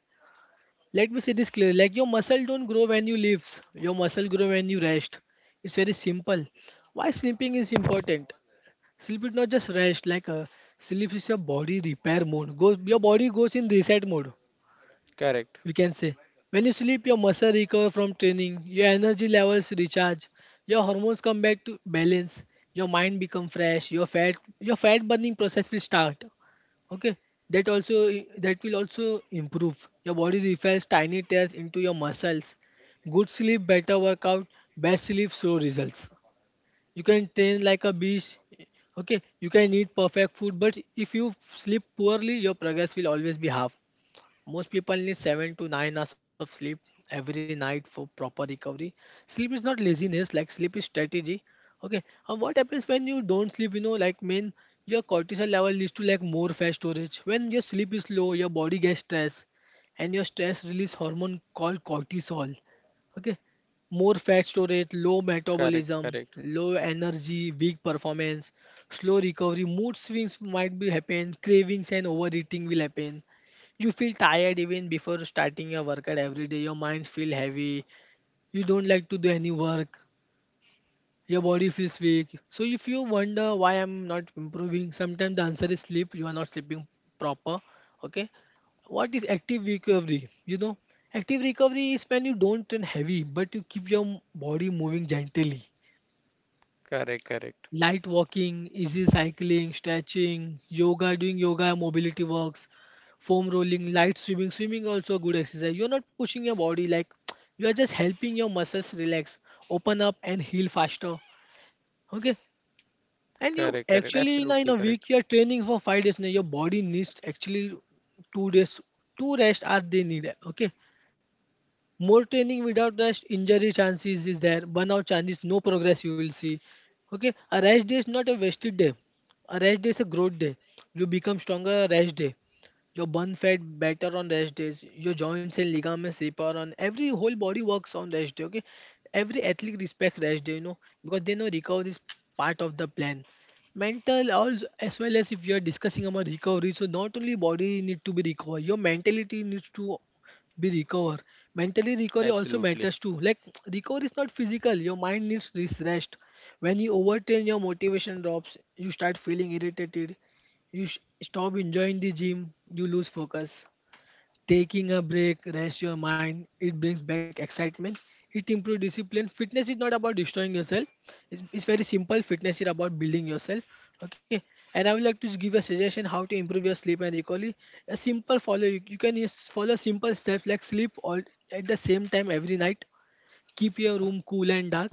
Let me say this clearly. Like your muscle don't grow when you lift. Your muscle grow when you rest. It's very simple. Why sleeping is important? Sleep is not just rest. Like uh, sleep is your body repair mode. Goes Your body goes in reset mode Correct, we can say. When you sleep, your muscle recover from training, your energy levels recharge, your hormones come back to balance, your mind become fresh, your fat your fat burning process will start. Okay, that also that will also improve. Your body refills tiny tears into your muscles. Good sleep, better workout, bad sleep, slow results. You can train like a beast. Okay, you can eat perfect food, but if you sleep poorly, your progress will always be half. Most people need seven to nine hours of sleep every night for proper recovery. Sleep is not laziness, like sleep is strategy. Okay, and what happens when you don't sleep? You know, like mean your cortisol level leads to like more fat storage. When your sleep is low, your body gets stress, and your stress release hormone called cortisol. Okay, more fat storage, low correct, correct, metabolism, low energy, weak performance, slow recovery, mood swings might be happen, cravings and overeating will happen. You feel tired even before starting your workout every day. Your mind feel heavy. You don't like to do any work. Your body feels weak. So if you wonder why I'm not improving, sometimes the answer is sleep. You are not sleeping proper. Okay. What is active recovery? You know, active recovery is when you don't turn heavy, but you keep your m- body moving gently. correct, correct, Light walking, easy cycling, stretching, yoga, doing yoga, mobility works, foam rolling, light swimming. Swimming also a good exercise. You're not pushing your body like you are just helping your muscles relax, open up and heal faster. Okay. And you correct, correct. actually in a, Absolutely in a correct. week you're training for five days now. Your body needs actually two days, two rest are they needed. Okay, more training without rest, injury chances is there, burnout chances, no progress you will see. Okay, a rest day is not a wasted day, a rest day is a growth day. You become stronger on rest day, your burn fat better on rest days, your joints and ligaments repair, on every whole body works on rest day. Okay, every athlete respects rest day, you know, because they know recovery is part of the plan. Mental also as well as, if you are discussing about recovery, so not only body need to be recovered, your mentality needs to be recover. Mentally recovery also Absolutely. matters too, like recovery is not physical, your mind needs this rest. When you overtrain, your motivation drops, you start feeling irritated, you sh- stop enjoying the gym, you lose focus. Taking a break, rest your mind, it brings back excitement, it improves discipline. Fitness is not about destroying yourself, it's, it's very simple. Fitness is about building yourself. Okay, and I would like to just give a suggestion how to improve your sleep and recovery. A simple follow you, you can use, follow simple steps like sleep all at the same time every night, keep your room cool and Okay. dark,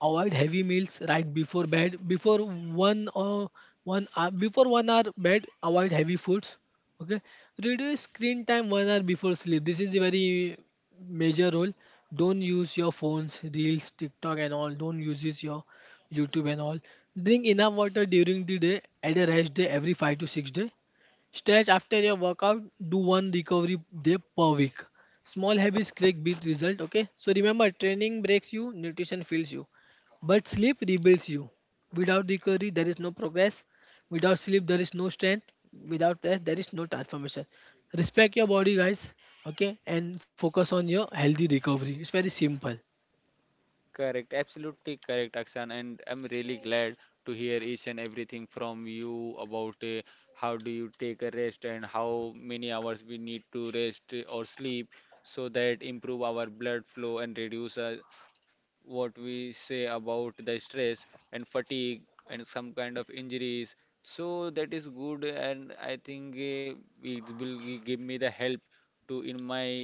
avoid heavy meals right before bed. Before one or One hour, before one hour bed, avoid heavy foods. Okay. Reduce screen time one hour before sleep. This is a very major role. Don't use your phones, reels, TikTok and all. Don't use this your YouTube and all. Drink enough water during the day at a rest day every five to six day. Stretch after your workout, do one recovery day per week. Small habits create big result. Okay, so remember, training breaks you, nutrition fills you. But sleep rebuilds you. Without recovery, there is no progress. Without sleep, there is no strength. Without rest, there is no transformation. Respect your body, guys. Okay, and focus on your healthy recovery. It's very simple. Correct, absolutely correct, Akshan, and I'm really glad to hear each and everything from you about uh, how do you take a rest and how many hours we need to rest or sleep so that improve our blood flow and reduce uh, what we say about the stress and fatigue and some kind of injuries. So that is good, and I think uh, it will gi- give me the help to in my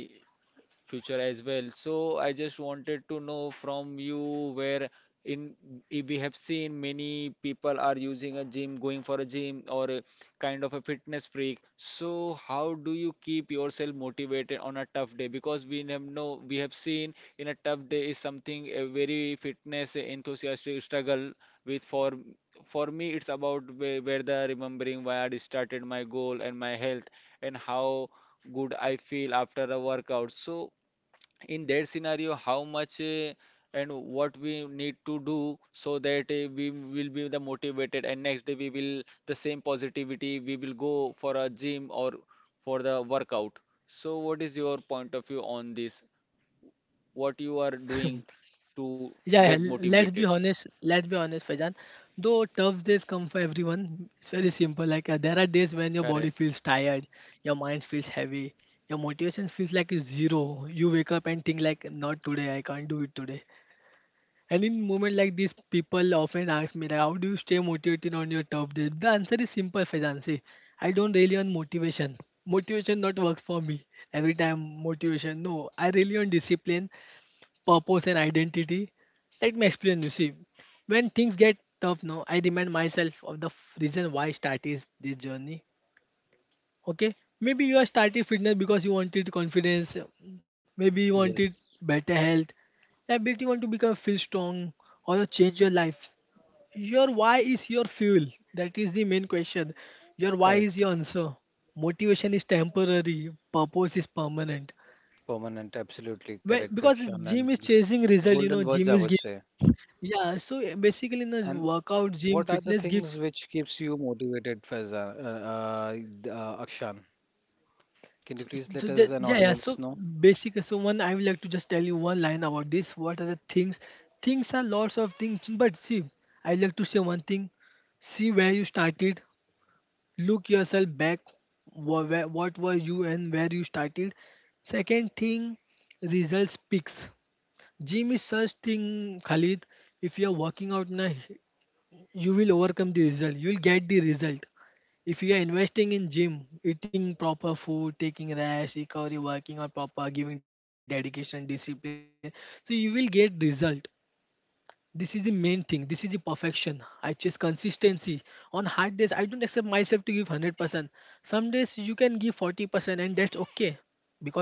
future as well. So I just wanted to know from you where in if we have seen many people are using a gym, going for a gym or a kind of a fitness freak. So how do you keep yourself motivated on a tough day? Because we have know we have seen in a tough day is something a very fitness enthusiastic struggle with for for me it's about where, where the remembering why I started my goal and my health and how good I feel after a workout. So in that scenario how much uh, and what we need to do so that uh, we will be the motivated and next day we will the same positivity we will go for a gym or for the workout. So what is your point of view on this what you are doing to get Yeah, yeah, motivated? let's be honest. Let's be honest, Fajan. Though tough days come for everyone, it's very simple. Like uh, there are days when your Correct, body feels tired, your mind feels heavy, your motivation feels like it's zero. You wake up and think like, "Not today. I can't do it today." And in moment like this, people often ask me, like, how do you stay motivated on your tough day? The answer is simple, Faizan. See, I don't really on motivation. Motivation not works for me every time. Motivation, no. I really on discipline, purpose, and identity. Let me explain. You see, when things get tough, now I remind myself of the f- reason why I started this journey. Okay, maybe you are starting fitness because you wanted confidence, maybe you wanted better Yes. health, maybe you want to become feel strong or you change your life. Your why is your fuel. That is the main question. Your why is Correct. your answer. Motivation is temporary, purpose is permanent. Permanent, absolutely When, correct, because Akshan, gym is and chasing result, you golden know, words, I gym would is giving. say. Yeah, so basically, in the And workout, gym, what are the fitness things gives. which keeps you motivated, Faizan, uh, uh, uh, Akshan? Can you So, please so let us that, an yeah, yeah, audience so know? basically so one I would like to just tell you one line about this. What are the things? Things are lots of things, but see, I like to say one thing. See where you started. Look yourself back. wha- Where, what were you and where you started. Second thing, result speaks. Gym is such thing, Khalid. If you are working out na, you will overcome the result, you will get the result if you are investing in gym, eating proper food, taking rest, recovery, working on proper, giving dedication, discipline, so you will get result. This is the main thing, this is the perfection. I chase consistency. On hard days I don't accept myself to give one hundred percent. Some days you can give forty percent and that's okay,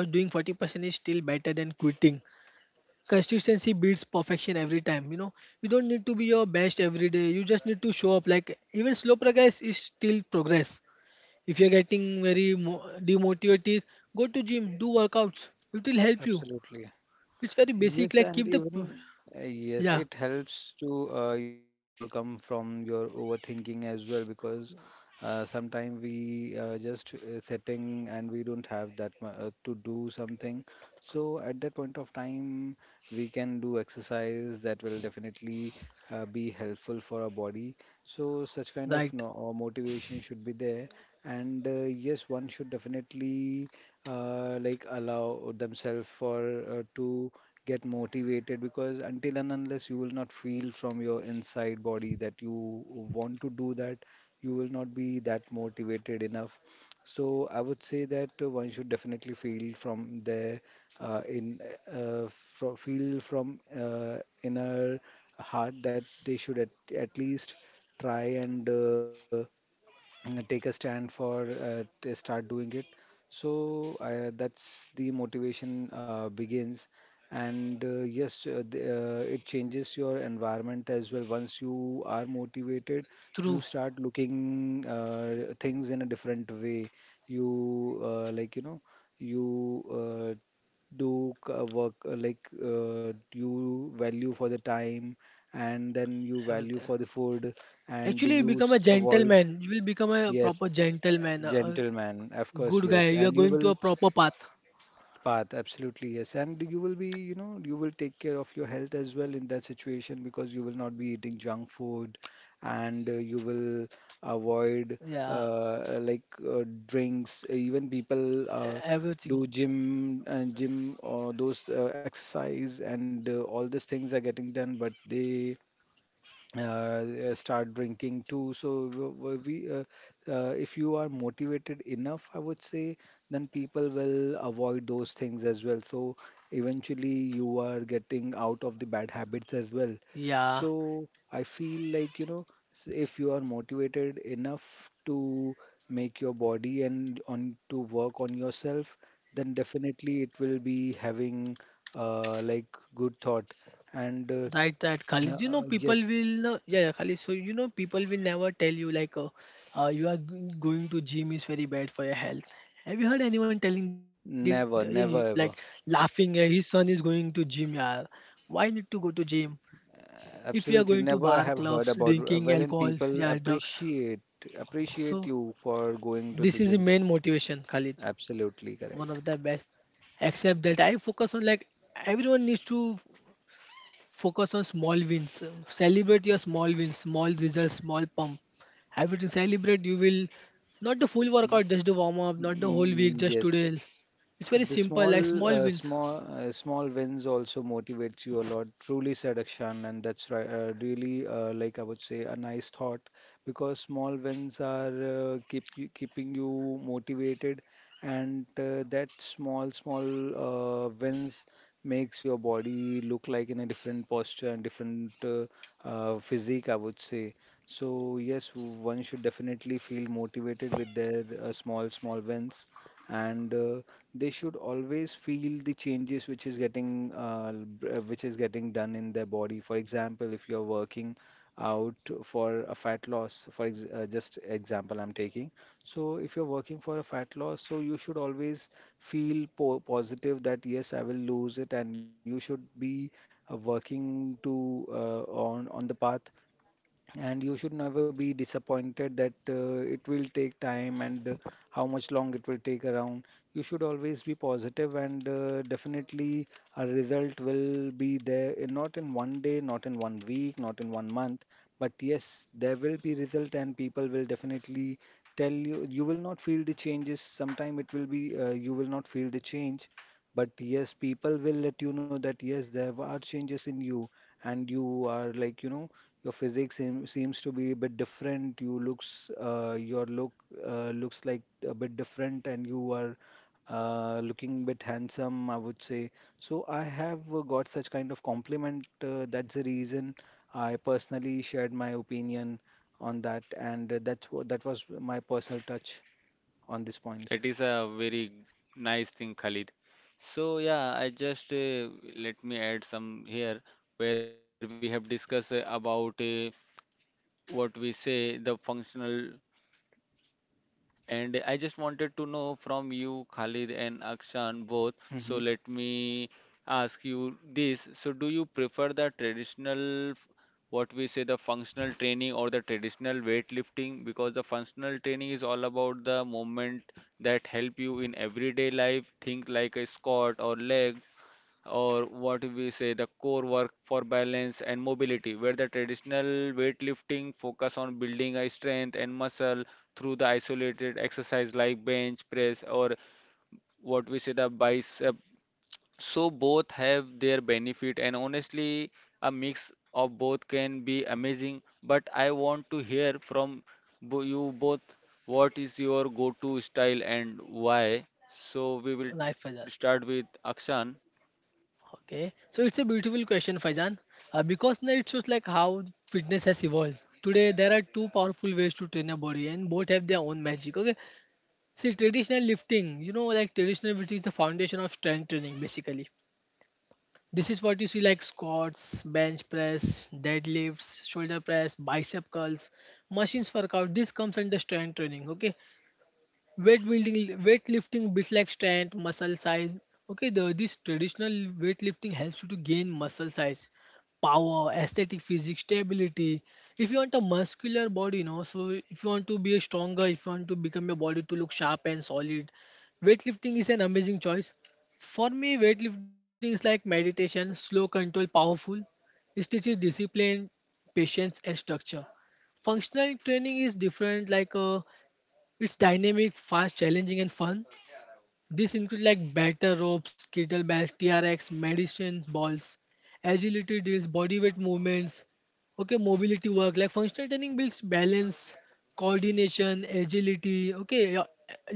because doing forty percent is still better than quitting. Consistency beats perfection every time. You know you don't need to be your best every day, you just need to show up. Like even slow progress is still progress. If you're getting very mo- demotivated, go to gym, do workouts, it will help you. Absolutely. It's very basic. Yes, Like and keep the p- even, uh, yes, it yeah, helps to, uh, you know, co- overcome from your overthinking as well, because uh, sometimes we uh, just uh, sitting and we don't have that mu- uh, to do something. So at that point of time, we can do exercise that will definitely uh, be helpful for our body. So such kind right, of no, uh, motivation should be there, and uh, yes, one should definitely uh, like allow themselves for uh, to get motivated, because until and unless you will not feel from your inside body that you want to do that, you will not be that motivated enough. So I would say that uh, one should definitely feel from there, uh, in uh, fro feel from uh, inner heart that they should at, at least try and uh, uh, take a stand for uh, to start doing it. So uh, that's the motivation uh, begins, and uh, yes, uh, the, uh, it changes your environment as well. Once you are motivated, you through start looking uh, things in a different way. You, uh, like you know you uh, do c- uh, work, uh, like uh, you value for the time, and then you value everything. for the food and Actually you you become a s- avoid. gentleman, you will become a Yes, proper uh, gentleman, a, a gentleman, of course, good guy, yes. you And are you going to will a proper path. path, absolutely, yes. And you will be, you know, you will take care of your health as well in that situation, because you will not be eating junk food, and uh, you will avoid, Yeah, uh, like uh, drinks. Even people, e- uh, everything. do gym and gym or those, uh, exercise and, uh, all these things are getting done, but they uh, uh, start drinking too. So w- w- we, uh, uh, if you are motivated enough, I would say, then people will avoid those things as well. So eventually, you are getting out of the bad habits as well. Yeah. So I feel like, you know, s- if you are motivated enough to make your body and on to work on yourself, then definitely it will be having, uh, like good thought and. Uh, Right, right, Khalid. You know, uh, people yes. will, uh, yeah, yeah, Khalid. So, you know, people will never tell you, like, uh, uh, you are g- going to gym is very bad for your health. Have you heard anyone telling that, eh, like, Never, never ever. laughing, eh, his son is going to gym, yeah. Why need to go to gym? If you are going to Absolutely bar never I have clubs, heard about drinking uh, wherein alcohol, yeah, people drugs. appreciate, So, appreciate you for going to this the is the gym. main motivation, Khalid. Absolutely One correct. of the best. Except that I focus on, like, everyone needs to focus on small wins. Celebrate your small wins, small results, small pump. Everything celebrate. You will not the full Mm, workout, just the warm up, not the whole mm, mm, week, just today. yes. It's very The simple, small, like small uh, wins. small, uh, small wins also motivates you a lot. Truly said, Akshan, and that's right. Uh, really, uh, like I would say, a nice thought, because small wins are, uh, keep you, keeping you motivated, and uh, that small, small uh, wins makes your body look like in a different posture and different, uh, uh, physique, I would say. So yes, one should definitely feel motivated with their, uh, small, small wins, and uh, they should always feel the changes which is getting, uh, b- uh, which is getting done in their body. For example, if you're working out for a fat loss, for ex uh, just example I'm taking. So if you're working for a fat loss, so you should always feel po positive that yes, I will lose it, and you should be uh, working to uh, on on the path, and you should never be disappointed that uh, it will take time and uh, how much long it will take around. You should always be positive, and uh, definitely a result will be there in, not in one day, not in one week, not in one month, but yes, there will be result and people will definitely tell you. You will not feel the changes. Sometime it will be, uh, you will not feel the change, but yes, people will let you know that yes, there are changes in you and you are, like, you know, your physique seem, seems to be a bit different. You looks, uh, your look uh, looks like a bit different, and you are uh, looking bit handsome, I would say. So I have uh, got such kind of compliment. Uh, that's the reason I personally shared my opinion on that, and uh, that's what that was my personal touch on this point. that is a very nice thing, Khalid. So yeah, I just uh, let me add some here where we have discussed uh, about uh, what we say the functional. And I just wanted to know from you, Khalid and Akshan both. So let me ask you this. So do you prefer the traditional, f- what we say, the functional training or the traditional weightlifting? Because the functional training is all about the movement that help you in everyday life, think like a squat or leg, or what we say the core work for balance and mobility where the traditional weightlifting focus on building a strength and muscle through the isolated exercise like bench press or what we say the bicep. So both have their benefit and honestly a mix of both can be amazing, but I want to hear from bo- you both. What is your go-to style and why? So we will Right, Faizan. start with Akshan. Okay, so it's a beautiful question, Faizan, uh, because now it shows like how fitness has evolved. Today there are two powerful ways to train a body, and both have their own magic. Okay, see traditional lifting, you know, like traditional, which is the foundation of strength training, basically. This is what you see like squats, bench press, deadlifts, shoulder press, bicep curls, machines workout. This comes under strength training. Okay, weight building weightlifting builds like strength, muscle size. Okay, the this traditional weightlifting helps you to gain muscle size, power, aesthetic physique, stability. If you want a muscular body, you know so if you want to be stronger, if you want to become your body to look sharp and solid, weightlifting is an amazing choice. For me weightlifting is like meditation, slow, control, powerful. It teaches discipline, patience and structure. Functional training is different. Like uh, it's dynamic, fast, challenging, and fun. This includes like batter ropes, kettlebells, T R X, medicine balls, agility drills, bodyweight movements. Okay, mobility work. Like functional training builds balance, coordination, agility. Okay, yeah,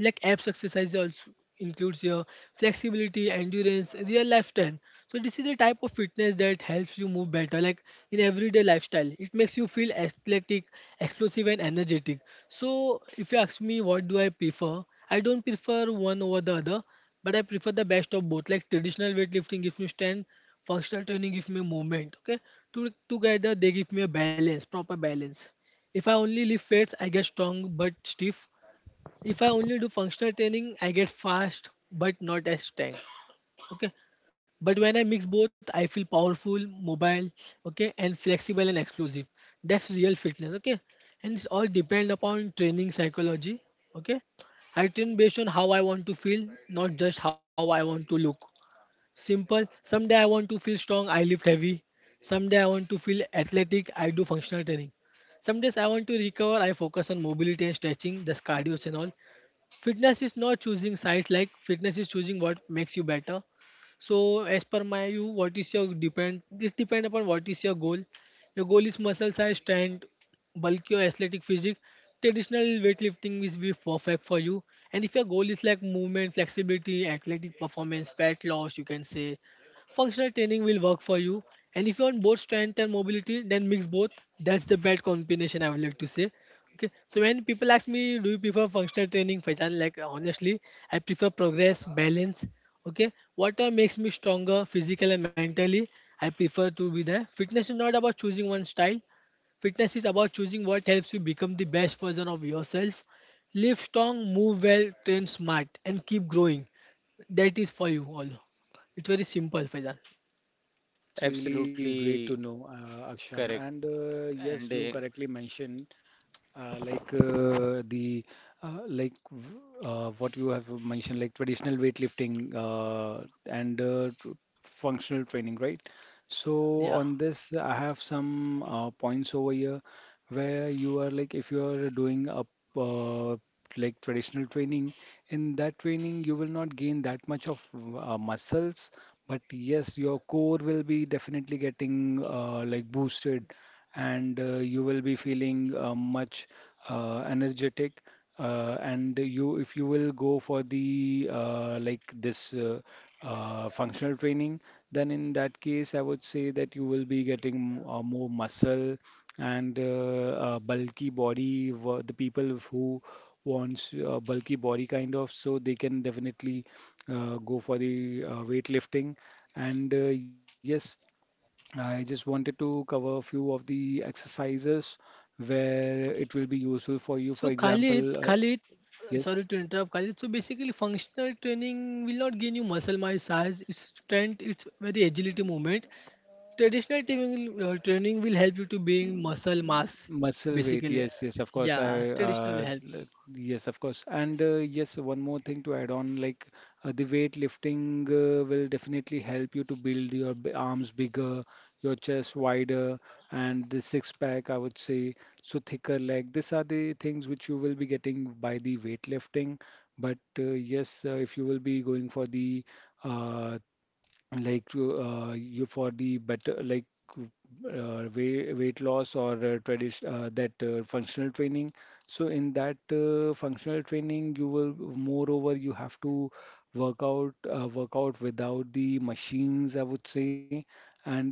like abs exercise also includes your flexibility, endurance, real life strength. So this is the type of fitness that helps you move better, like in everyday lifestyle. It makes you feel athletic, explosive, and energetic. So if you ask me, what do I prefer? I don't prefer one over the other, but I prefer the best of both. Like traditional weightlifting gives me strength, functional training gives me movement. Okay, to, together they give me a balance, proper balance. If I only lift weights, I get strong but stiff. If I only do functional training, I get fast but not as tank. Okay. But when I mix both, I feel powerful, mobile, okay, and flexible and explosive. That's real fitness, okay. And it's all depend upon training psychology, okay. I train based on how I want to feel, not just how I want to look. Simple. Someday I want to feel strong, I lift heavy. Someday I want to feel athletic, I do functional training. Some days I want to recover, I focus on mobility and stretching, just cardio and all. Fitness is not choosing sides. Like fitness is choosing what makes you better. So as per my, you, what is your depend, this depend upon what is your goal. Your goal is muscle size, strength, bulky or athletic physique, traditional weightlifting is be perfect for you. And if your goal is like movement, flexibility, athletic performance, fat loss, you can say functional training will work for you. And if you want both strength and mobility, then mix both. That's the best combination I would like to say. Okay, so when people ask me, do you prefer functional training, Faizan? Like uh, honestly, I prefer progress, balance. Okay, water makes me stronger, physical and mentally. I prefer to be there. Fitness is not about choosing one style. Fitness is about choosing what helps you become the best version of yourself. Live strong, move well, train smart, and keep growing. That is for you all. It's very simple, Faizan. That's really great Absolutely to know, correct. uh, Akshan. And And uh, uh, yes, you correctly mentioned uh, like uh, the uh, like v- uh, what you have mentioned, like traditional weightlifting, uh, and uh, tr- functional training, right? So Yeah. on this, I have some uh, points over here, where you are, like, if you are doing a, uh, like traditional training, in that training you will not gain that much of uh, muscles, but yes, your core will be definitely getting, uh, like boosted, and uh, you will be feeling uh, much uh, energetic. Uh, and you, if you will go for the, uh, like this uh, uh, functional training, then in that case, I would say that you will be getting uh, more muscle, and uh, uh, bulky body wo- the people who wants a bulky body kind of, so they can definitely uh, go for the uh, weightlifting, and uh, yes, I just wanted to cover a few of the exercises where it will be useful for you, for So Khalid, example uh, Khalid, yes. uh, sorry to interrupt, Khalid. So basically, functional training will not gain you muscle mass size, its strength, its very agility movement. Traditional training, uh, training will help you to being muscle mass, Muscle weight, basically. yes, yes, of course. I, Yeah, traditional will uh, help. l- yes, of course. And uh, yes, one more thing to add on, like uh, the weight lifting uh, will definitely help you to build your b- arms bigger, your chest wider, and the six pack, I would say, so thicker leg. These are the things which you will be getting by the weight lifting. But uh, yes, uh, if you will be going for the, uh, like uh, you for the better, like uh, weight weight loss or uh, tradition uh, that uh, functional training. So in that uh, functional training, you will moreover you have to work out, uh, work out without the machines, I would say.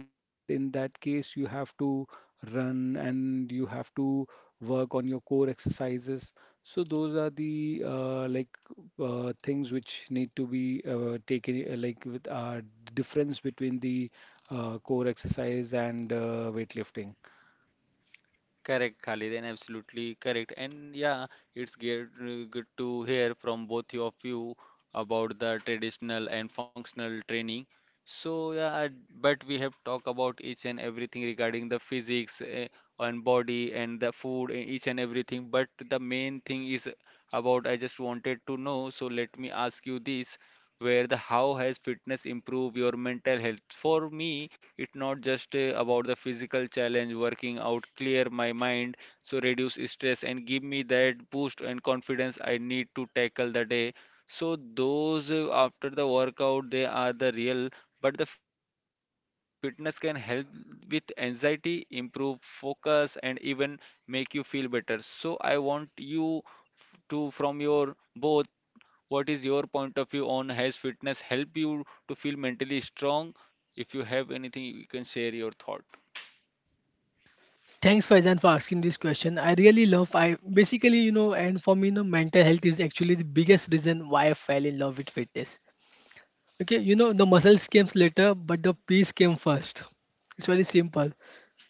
And in that case, you have to run and you have to work on your core exercises. So those are the uh, like uh, things which need to be uh, taken, uh, like with our difference between the uh, core exercise and uh, weightlifting. correct, Khalid, and absolutely correct. And yeah, it's good, good to hear from both of you about the traditional and functional training. So yeah, but we have talked about each and everything regarding the physics uh, and body and the food and each and everything. But the main thing is about I just wanted to know. So let me ask you this. Where the how has fitness improved your mental health? For me, it's not just uh, about the physical challenge, working out, clear my mind, so reduce stress and give me that boost and confidence I need to tackle the day. So those uh, after the workout, they are the real, but the fitness can help with anxiety, improve focus, and even make you feel better. So I want you to, from your both what is your point of view on has fitness help you to feel mentally strong? If you have anything, you can share your thought. Thanks, Faizan, for asking this question. I really love. I basically, you know, and for me, you know, mental health is actually the biggest reason why I fell in love with fitness. Okay, you know, the muscles came later, but the peace came first. It's very simple.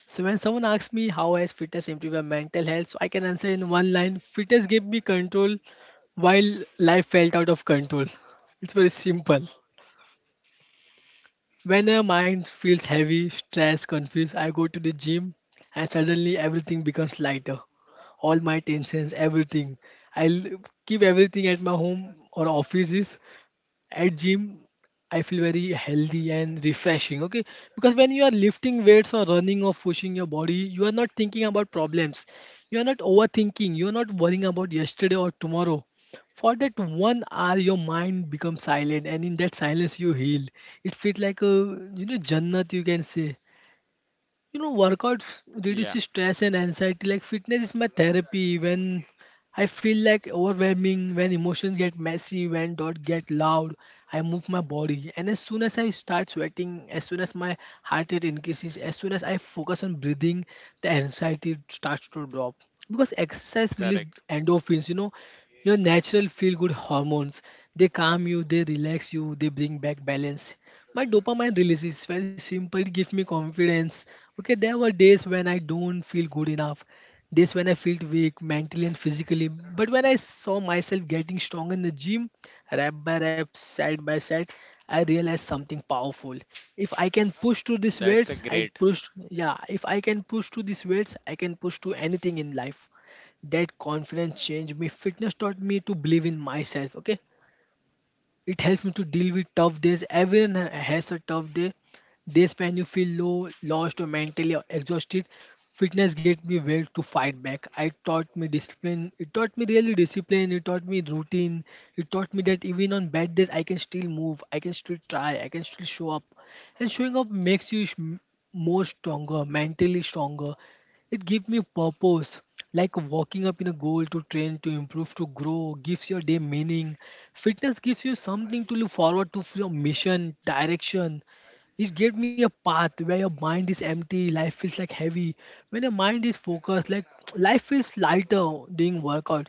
So when someone asks me how has fitness improved my mental health, so I can answer in one line: fitness gave me control while life felt out of control. It's very simple. When my mind feels heavy, stressed, confused, I go to the gym and suddenly everything becomes lighter. All my tensions, everything. I'll keep everything at my home or offices. At gym I feel very healthy and refreshing. Okay, because when you are lifting weights or running or pushing your body, you are not thinking about problems, you are not overthinking, you are not worrying about yesterday or tomorrow. For that one hour your mind becomes silent, and in that silence you heal. It feels like a, you know jannat, you can say. You know, workouts Yeah, reduces stress and anxiety. Like fitness is my therapy. When I feel like overwhelming, when emotions get messy, when thoughts get loud, I move my body. And as soon as I start sweating, as soon as my heart rate increases, as soon as I focus on breathing, the anxiety starts to drop. Because exercise release correct. endorphins, you know, your natural feel good hormones. They calm you, they relax you, they bring back balance. My dopamine release is very simple. It gives me confidence. Okay, there were days when I don't feel good enough, days when I felt weak mentally and physically. But when I saw myself getting strong in the gym, rep by rep, set by set, I realized something powerful. If I can push to these That's a weights, I great. push. Yeah, if I can push to these weights, I can push to anything in life. That confidence changed me. Fitness taught me to believe in myself. Okay, it helps me to deal with tough days. Everyone ha- has a tough day. Days when you feel low, lost, or mentally exhausted. Fitness gave me will to fight back. I taught me discipline. It taught me really discipline. It taught me routine. It taught me that even on bad days, I can still move. I can still try. I can still show up. And showing up makes you sh- more stronger, mentally stronger. It gives me purpose, like walking up in a goal to train, to improve, to grow, gives your day meaning. Fitness gives you something to look forward to for your mission, direction. It gave me a path where your mind is empty, life feels like heavy. When your mind is focused, like life feels lighter doing workout.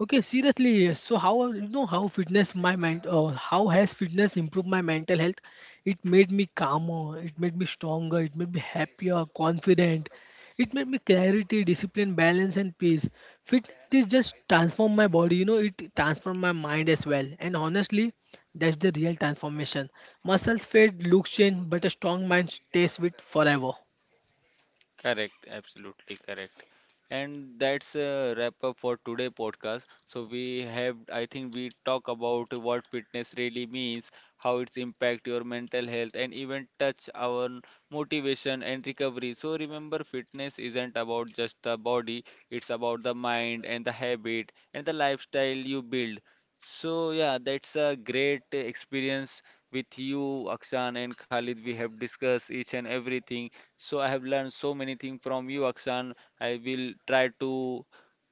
Okay, seriously. So how you know how fitness my mind uh, how has fitness improved my mental health? It made me calmer, it made me stronger, it made me happier, confident. It made me clarity, discipline, balance and peace. Fitness just transform my body, you know, it transform my mind as well. And honestly, that's the real transformation. Muscles fade, looks change, but a strong mind stays with forever. Correct, absolutely correct. And that's a wrap up for today podcast. So we have, I think we talk about what fitness really means, how it's impact your mental health and even touch our motivation and recovery. So remember, fitness isn't about just the body, it's about the mind and the habit and the lifestyle you build. So yeah, that's a great experience with you, Akshan and Khalid. We have discussed each and everything. So I have learned so many things from you, Akshan. I will try to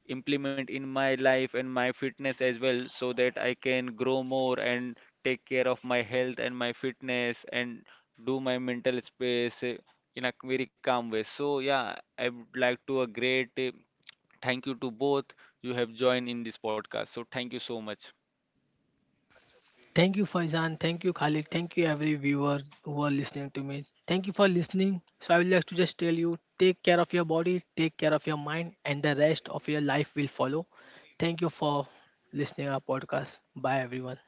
implement in my life and my fitness as well so that I can grow more and take care of my health and my fitness and do my mental space eh, in a very calm way. So yeah, I would like to a great eh, thank you to both you have joined in this podcast. So thank you so much. Thank you, Faizan. Thank you, Khalid. Thank you, every viewer who are listening to me. Thank you for listening. So, I would like to just tell you take care of your body, take care of your mind, and the rest of your life will follow. Thank you for listening our podcast. Bye, everyone.